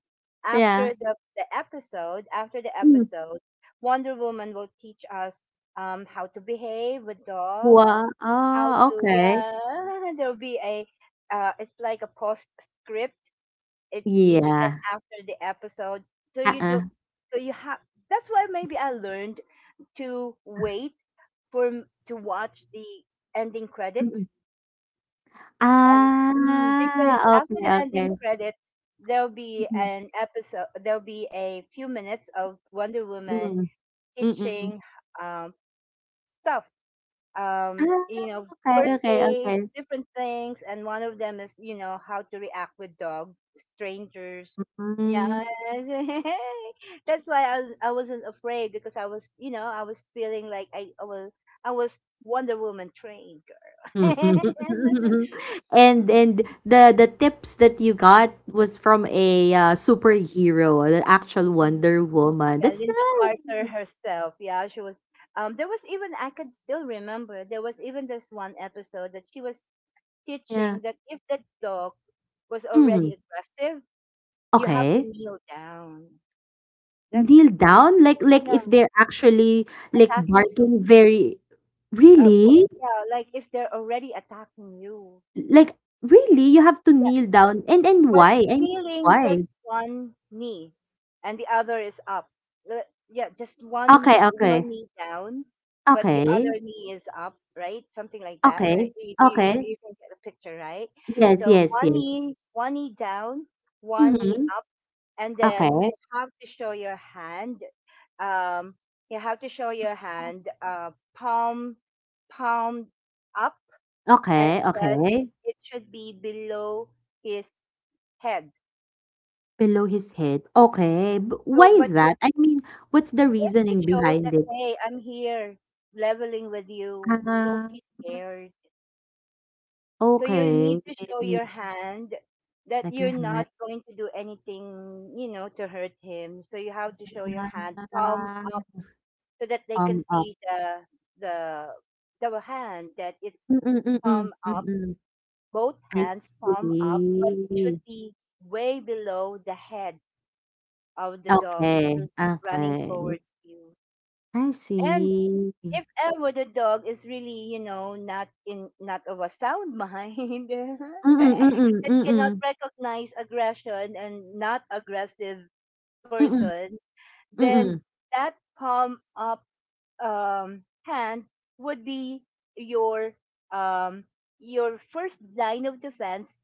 B: Yeah.
A: after the episode, after the
B: Mm.
A: episode, Wonder Woman will teach us, how to behave with dogs,
B: Wow.
A: how
B: Oh,
A: to,
B: okay.
A: yeah, there'll be a, it's like a post script in each and
B: Yeah.
A: after the episode. So you do,
B: Uh-uh.
A: so you have, that's why maybe I learned to wait to watch the ending
B: Mm-mm.
A: credits. Mm,
B: Ah,
A: because after
B: okey,
A: the
B: okey.
A: ending credits, there'll be
B: Mhm,
A: an episode, there'll be a few minutes of Wonder Woman
B: mm, mm.
A: teaching, um, stuff,
B: Ah,
A: you know,
B: okey,
A: first
B: okey, okey.
A: aids, different things. And one of them is, you know, how to react with dogs, strangers. Yeah.
B: Hmm.
A: That's why I wasn't afraid because I was, you know, I was feeling like I was Wonder Woman trained, girl.
B: And the tips that you got was from a, superhero, the actual Wonder Woman.
A: Yeah,
B: That's
A: Linda
B: nice.
A: Carter herself. Yeah, she was. There was even I can still remember. There was even this one episode that she was
B: Yeah.
A: teaching that if the dog was already
B: Mhm,
A: aggressive, you have to
B: okay.
A: kneel down. That's
B: Kneel down? Like
A: yeah,
B: if they're actually, like,
A: attacking you.
B: barking very
A: Uh, wh-
B: really?
A: yeah, like if they're already attacking you.
B: Like, really? You have to
A: Yeah,
B: kneel down? And
A: but
B: why? And
A: feeling
B: why?
A: just one knee and the other is up. Le- yeah, just one
B: Okay,
A: knee, one
B: okay.
A: knee down, but the other
B: Okay,
A: knee is up, right? Something like that,
B: okay,
A: right?
B: okay.
A: You can get a picture, right?
B: Yes,
A: So
B: yes,
A: one
B: yes.
A: knee, one knee down, one knee
B: Mhm.
A: up, and then
B: Okay,
A: you have to show your hand. um you have to show your hand, palm, palm up, and,
B: okay,
A: but
B: okay.
A: it should be below his head.
B: Below his head. Okay, b
A: So,
B: why
A: but
B: is
A: it,
B: that? I mean, what's the
A: just to
B: reasoning
A: show
B: behind
A: that,
B: it?
A: hey, I'm here leveling with you. Don't
B: Ah,
A: be scared. So you
B: okay.
A: need to show your hand that
B: Like your
A: you're
B: hand.
A: not going to do anything, you know, to hurt him. So you have to show your hand palm
B: Ah,
A: up so that they can
B: up.
A: see the the hand that it's
B: Mm, mm, mm, mm.
A: palm
B: Mm,
A: up,
B: mm.
A: both
B: I
A: hands palm up, but it should
B: see.
A: be way below the head of the dog
B: Okay,
A: who's running
B: okay.
A: towards you.
B: I
A: And
B: see. Mm,
A: if ever the dog is really, you know, not in, not of a sound mind
B: mm, mm,
A: that
B: mm,
A: cannot
B: mm,
A: recognize aggression and not aggressive
B: mm, mm.
A: person,
B: Mm,
A: then
B: mm.
A: that palm up, hand would be your, um, your first line of defense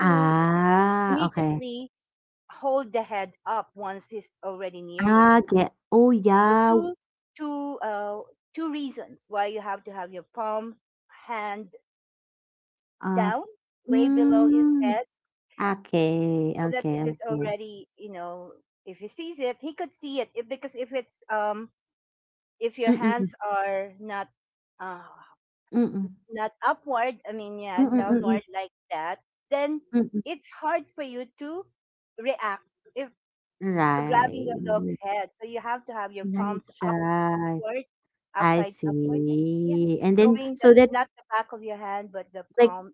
A: to
B: okay.
A: immediately hold the head up once he's already near you.
B: Ah, get oh,
A: So
B: yeah,
A: two, two uh two reasons why you have to have your palm, hand
B: ah,
A: down way below his
B: hmm,
A: head,
B: okay,
A: so that
B: okay,
A: if he's
B: okay.
A: already, you know, if he sees it, he could see it, if, because if it's if your
B: Mm, mm.
A: hands are not uh
B: Mm, mm,
A: not upward, I mean,
B: mm.
A: yeah,
B: Mm,
A: downward like that, then
B: mm, mm.
A: it's hard for you to react if grabbing the dog's
B: Right.
A: head, so you have to have your
B: Nice
A: palms up
B: try.
A: upward,
B: I
A: upside upward. Yeah, yeah,
B: see. And then
A: showing the
B: so that,
A: not the back of your hand but the
B: like,
A: palm.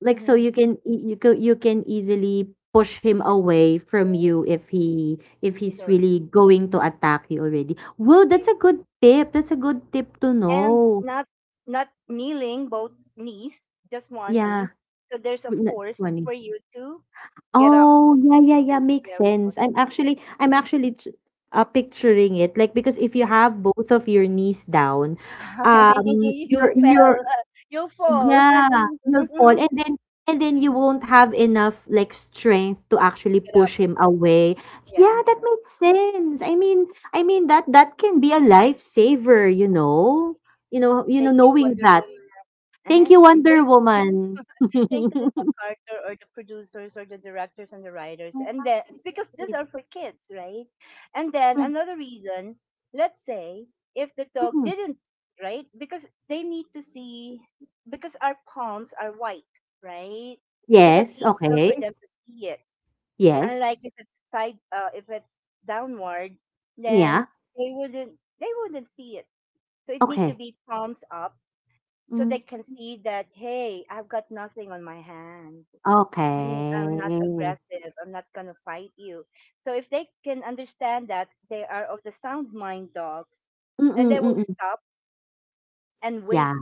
B: so
A: Mm-hmm.
B: you can easily push him
A: Yeah,
B: away from you
A: it-
B: if he, if
A: it's
B: he's
A: all right.
B: really going to attack you already. Well,
A: Yeah.
B: that's a good tip, that's a good tip to
A: And
B: know.
A: not, not kneeling both knees, just one
B: Yeah.
A: knee. So there's a
B: Not
A: force
B: 20.
A: for you to get up
B: Oh, yeah, yeah, yeah,
A: and
B: makes
A: do
B: sense.
A: everything.
B: I'm actually picturing it, like, because if you
A: Yeah.
B: have both of your knees down,
A: You
B: your
A: fell, you fall.
B: yeah, you'll fall, and then you
A: And
B: won't have enough, like, strength to actually
A: get
B: push
A: up,
B: him away.
A: yeah,
B: Yeah,
A: and
B: that
A: get up.
B: makes sense. I mean, that can be a lifesaver. You know, you
A: Thank
B: know
A: you, Wonder
B: knowing that.
A: Woman. Uh-huh.
B: Thank you, Wonder
A: Thank you,
B: Woman.
A: thank you, Linda Carter, or the producers, or the directors and the writers, and then because these are for kids, right? And then another reason, let's say, if the dog
B: Mm.
A: didn't, right? Because they need to see, because our palms are white, right? So that's
B: Yes,
A: easier
B: okay.
A: for them to see it. Unlike
B: Yes.
A: if it's side, if it's downward, then
B: Yeah,
A: they wouldn't, they wouldn't see it. So it need to
B: okay.
A: be palms up, so
B: Hmm,
A: they can see that, hey, I've got nothing on my hand. I'm not
B: okay.
A: aggressive, I'm not going to fight you. So if they can understand that, they are of the sound mind dogs,
B: Mm,
A: then they will
B: mm.
A: stop and
B: Yeah.
A: wait.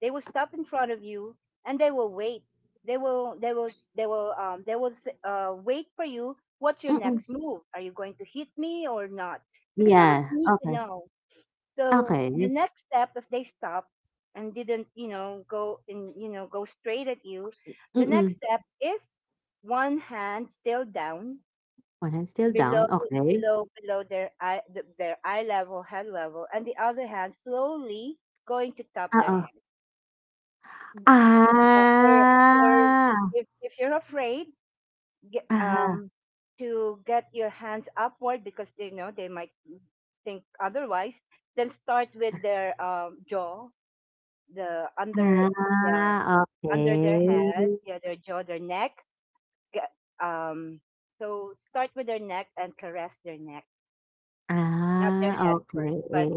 A: They will stop in front of you and they will wait. they will they will they will, wait for you, what's your
B: Mm.
A: next move, are you going to hit me or not, because they would
B: Yeah,
A: need to
B: okay,
A: know. So the
B: okay.
A: next step, if they stop and didn't, you know, go and you know, go straight at you, the next
B: Mm.
A: step is one hand still down,
B: One hand still
A: below,
B: down, okay.
A: below, below their eye, their eye level, head level, and the other hand slowly going to top their
B: Oh.
A: head. B- Uh, or, or
B: Ah,
A: if you're afraid, get,
B: ah.
A: to get your hands upward because they know they might think otherwise, then start with their, jaw, the under, yeah,
B: Ah,
A: under their head,
B: okay.
A: yeah, their jaw, their neck, g- um so start with their neck and caress their neck, not their
B: Ah,
A: head first but,
B: okay,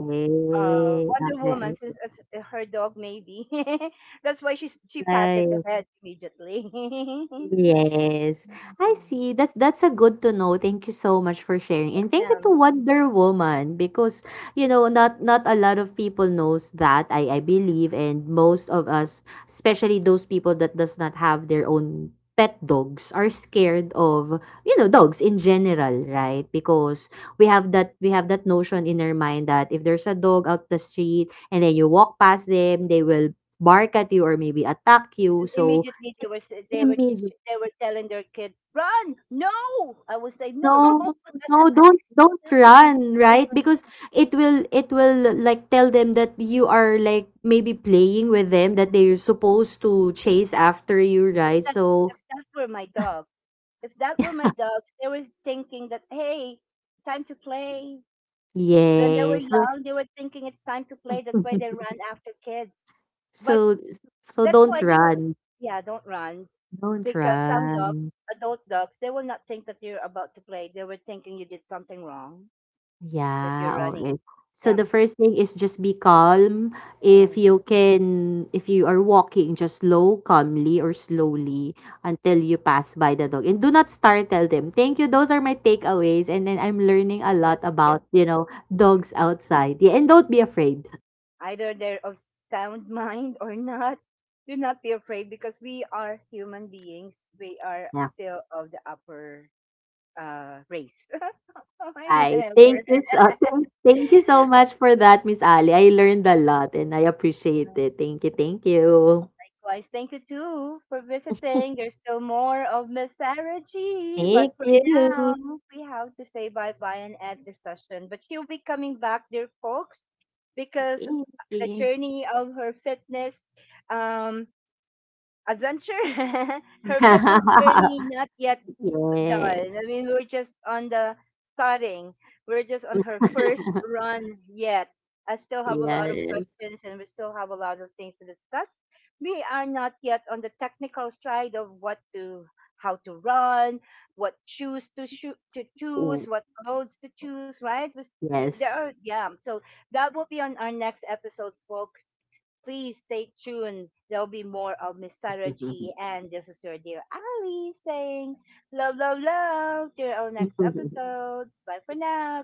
A: Wonder Woman,
B: okay.
A: since it's, her dog maybe, that's why she patted the
B: Okay.
A: head immediately.
B: Yes. I
A: Mhm.
B: see. That's a good to know. Thank you so much for sharing.
A: Yes
B: And thank you to
A: ma'am.
B: Wonder Woman because, not a lot of people knows that, I believe, and most of us, especially those people that does not have their own pet dogs are scared of, dogs in general, right, because we have that, notion in our mind that if there's a dog out the street and then you walk past them, they will bark at you or maybe attack you,
A: And
B: so
A: immediately they
B: it's
A: were they were
B: immediate.
A: teaching, they were telling their kids, "Run!" No, I would say no.
B: No, no, don't
A: No.
B: run, right? Because it will like tell them that you are, like, maybe playing with them, that they're supposed to chase after you,
A: If
B: right?
A: that's,
B: So
A: if that were my dog, if that were my dogs, they were thinking that, hey, time to play. When they were
B: yes.
A: young, they were thinking it's time to play. That's why they ran after kids. But
B: So so
A: that's
B: don't
A: why they were,
B: run.
A: yeah, don't run.
B: Don't
A: Because some dogs,
B: run.
A: adult dogs, they will not think that you're about to play. They were thinking you did something wrong, that
B: Yeah,
A: you're running.
B: okay. So
A: Yeah.
B: the first thing is just be calm. If
A: Yeah.
B: you can, if you are walking, just slow, calmly or slowly until you pass by the dog. And do not startle them. Thank you. Those are my takeaways. And then I'm learning a lot
A: That's, yeah.
B: about
A: Yeah.
B: dogs outside. Yeah, and don't be afraid.
A: Either they're of sound mind or not. Do not be afraid because we are human beings. We are
B: Yeah.
A: still of the upper, race. Okay,
B: Bye.
A: whatever.
B: Thank you so much for that, Miss Ali. I learned a lot and I appreciate it. Thank you. Thank you.
A: Likewise, thank you too for visiting. There's still more of Miss Sarah G, but
B: Thank
A: for now,
B: you.
A: we have to say bye bye and end the session. But she'll be coming back, dear folks, because the
B: Thank you.
A: journey of her fitness, um, adventure, her fitness journey not yet done.
B: Yes.
A: I mean, we're just on the starting. We're just on her first run yet. I still have a lot of
B: Yes.
A: questions and we still have a lot of things to discuss. We are not yet on the technical side of what to, how to run, what shoes to shoot to choose,
B: Ooh,
A: what clothes to choose, right? There are,
B: yes.
A: yeah. So that will be on our next episodes, folks. Please stay tuned. There'll be more of Miss Sarah G. And this is your dear Ali saying, love, love, love. Till our next episodes. Bye for now.